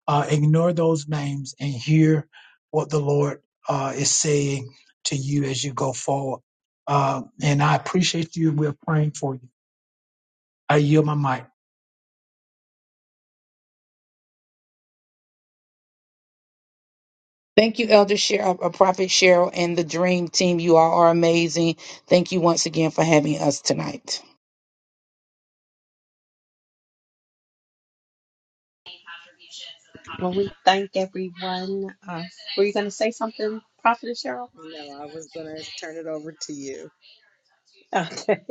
Speaker 3: Uh, ignore those names and hear what the Lord uh, is saying to you as you go forward. Uh, and I appreciate you. We're praying for you. I yield my mic.
Speaker 5: thank you elder cheryl uh, prophet cheryl and the dream team you all are amazing thank you once again for having us tonight
Speaker 2: Well, we thank everyone. Uh, were you going to say something, Prophet Cheryl?
Speaker 1: No, I was going to turn it over to you.
Speaker 2: Okay.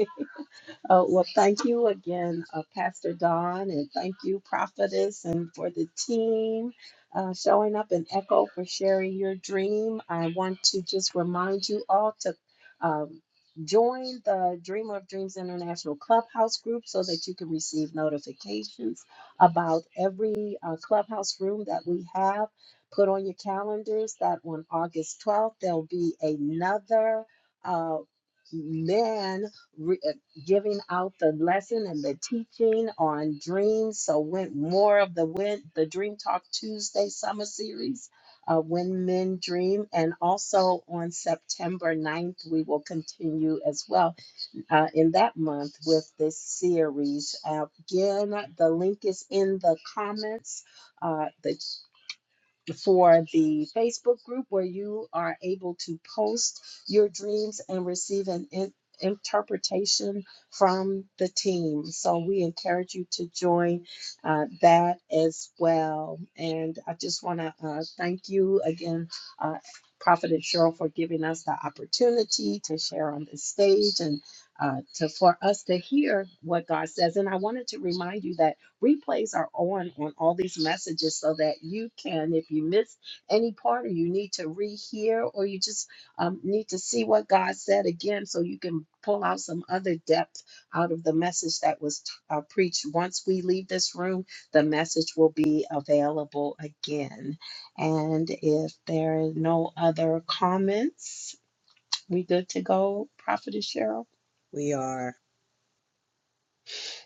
Speaker 2: Oh, well, thank you again, uh, Pastor Don, and thank you, Prophetess, and for the team uh, showing up and Echo for sharing your dream. I want to just remind you all to um, join the Dream of Dreams International Clubhouse group so that you can receive notifications about every uh, clubhouse room that we have. Put on your calendars that on August 12th, there'll be another. Uh, man giving out the lesson and the teaching on dreams. So with more of the win the Dream Talk Tuesday summer series, uh, When Men Dream, and also on September ninth, we will continue as well uh, in that month with this series. Uh, again, the link is in the comments. Uh, the for the Facebook group where you are able to post your dreams and receive an in- interpretation from the team. So we encourage you to join uh, that as well. And I just want to uh, thank you again. Uh, Prophet and Cheryl for giving us the opportunity to share on this stage and uh, to for us to hear what God says. And I wanted to remind you that Replays are on on all these messages so that you can, if you miss any part or you need to rehear or you just um, need to see what God said again, so you can pull out some other depth out of the message that was t- uh, preached. Once we leave this room, the message will be available again. And if there are no other comments, we good to go, Prophetess Cheryl?
Speaker 1: We are.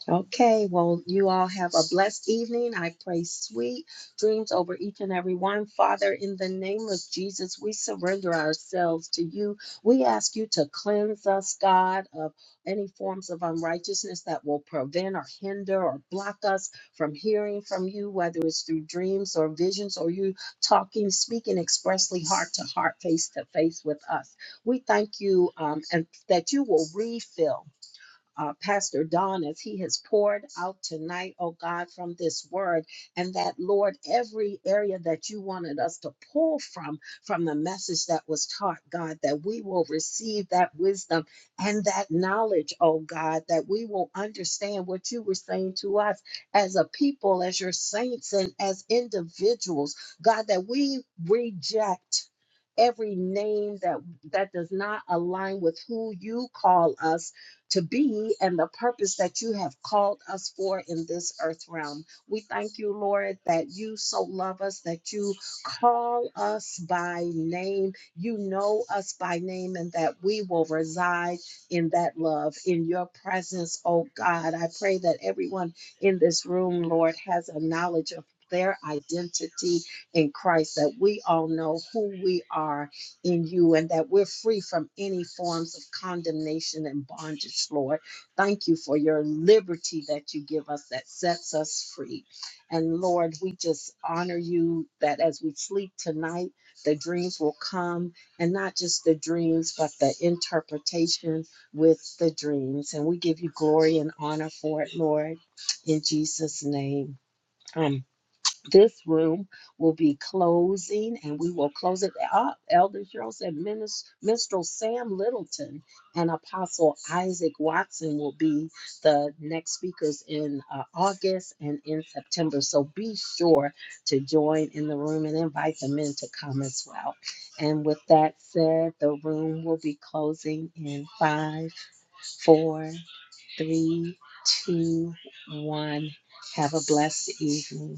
Speaker 2: Okay, well, you all have a blessed evening. I pray sweet dreams over each and every one. Father, in the name of Jesus, we surrender ourselves to you. We ask you to cleanse us, God, of any forms of unrighteousness that will prevent or hinder or block us from hearing from you, whether it's through dreams or visions or you talking, speaking expressly heart to heart, face to face with us. We thank you um, and that you will refill uh, Pastor Don as he has poured out tonight, oh God, from this word. And that, Lord, every area that you wanted us to pull from, from the message that was taught, God, that we will receive that wisdom and that knowledge, oh God, that we will understand what you were saying to us as a people, as your saints, and as individuals, God, that we reject. Every name that that does not align with who you call us to be and the purpose that you have called us for in this earth realm. We thank you, Lord, that you so love us, that you call us by name. You know us by name, and that we will reside in that love, in your presence, oh God. I pray that everyone in this room, Lord, has a knowledge of their identity in Christ, that we all know who we are in you and that we're free from any forms of condemnation and bondage, Lord. Thank you for your liberty that you give us that sets us free. And Lord, we just honor you that as we sleep tonight, the dreams will come and not just the dreams, but the interpretation with the dreams. And we give you glory and honor for it, Lord, in Jesus' name this room will be closing and we will close it up. Elder Cheryl said Minis- Minstrel Sam Littleton and Apostle Isaac Watson will be the next speakers in uh, August and in September. So be sure to join in the room and invite the men to come as well. And with that said, the room will be closing in five, four, three, two, one. Have a blessed evening.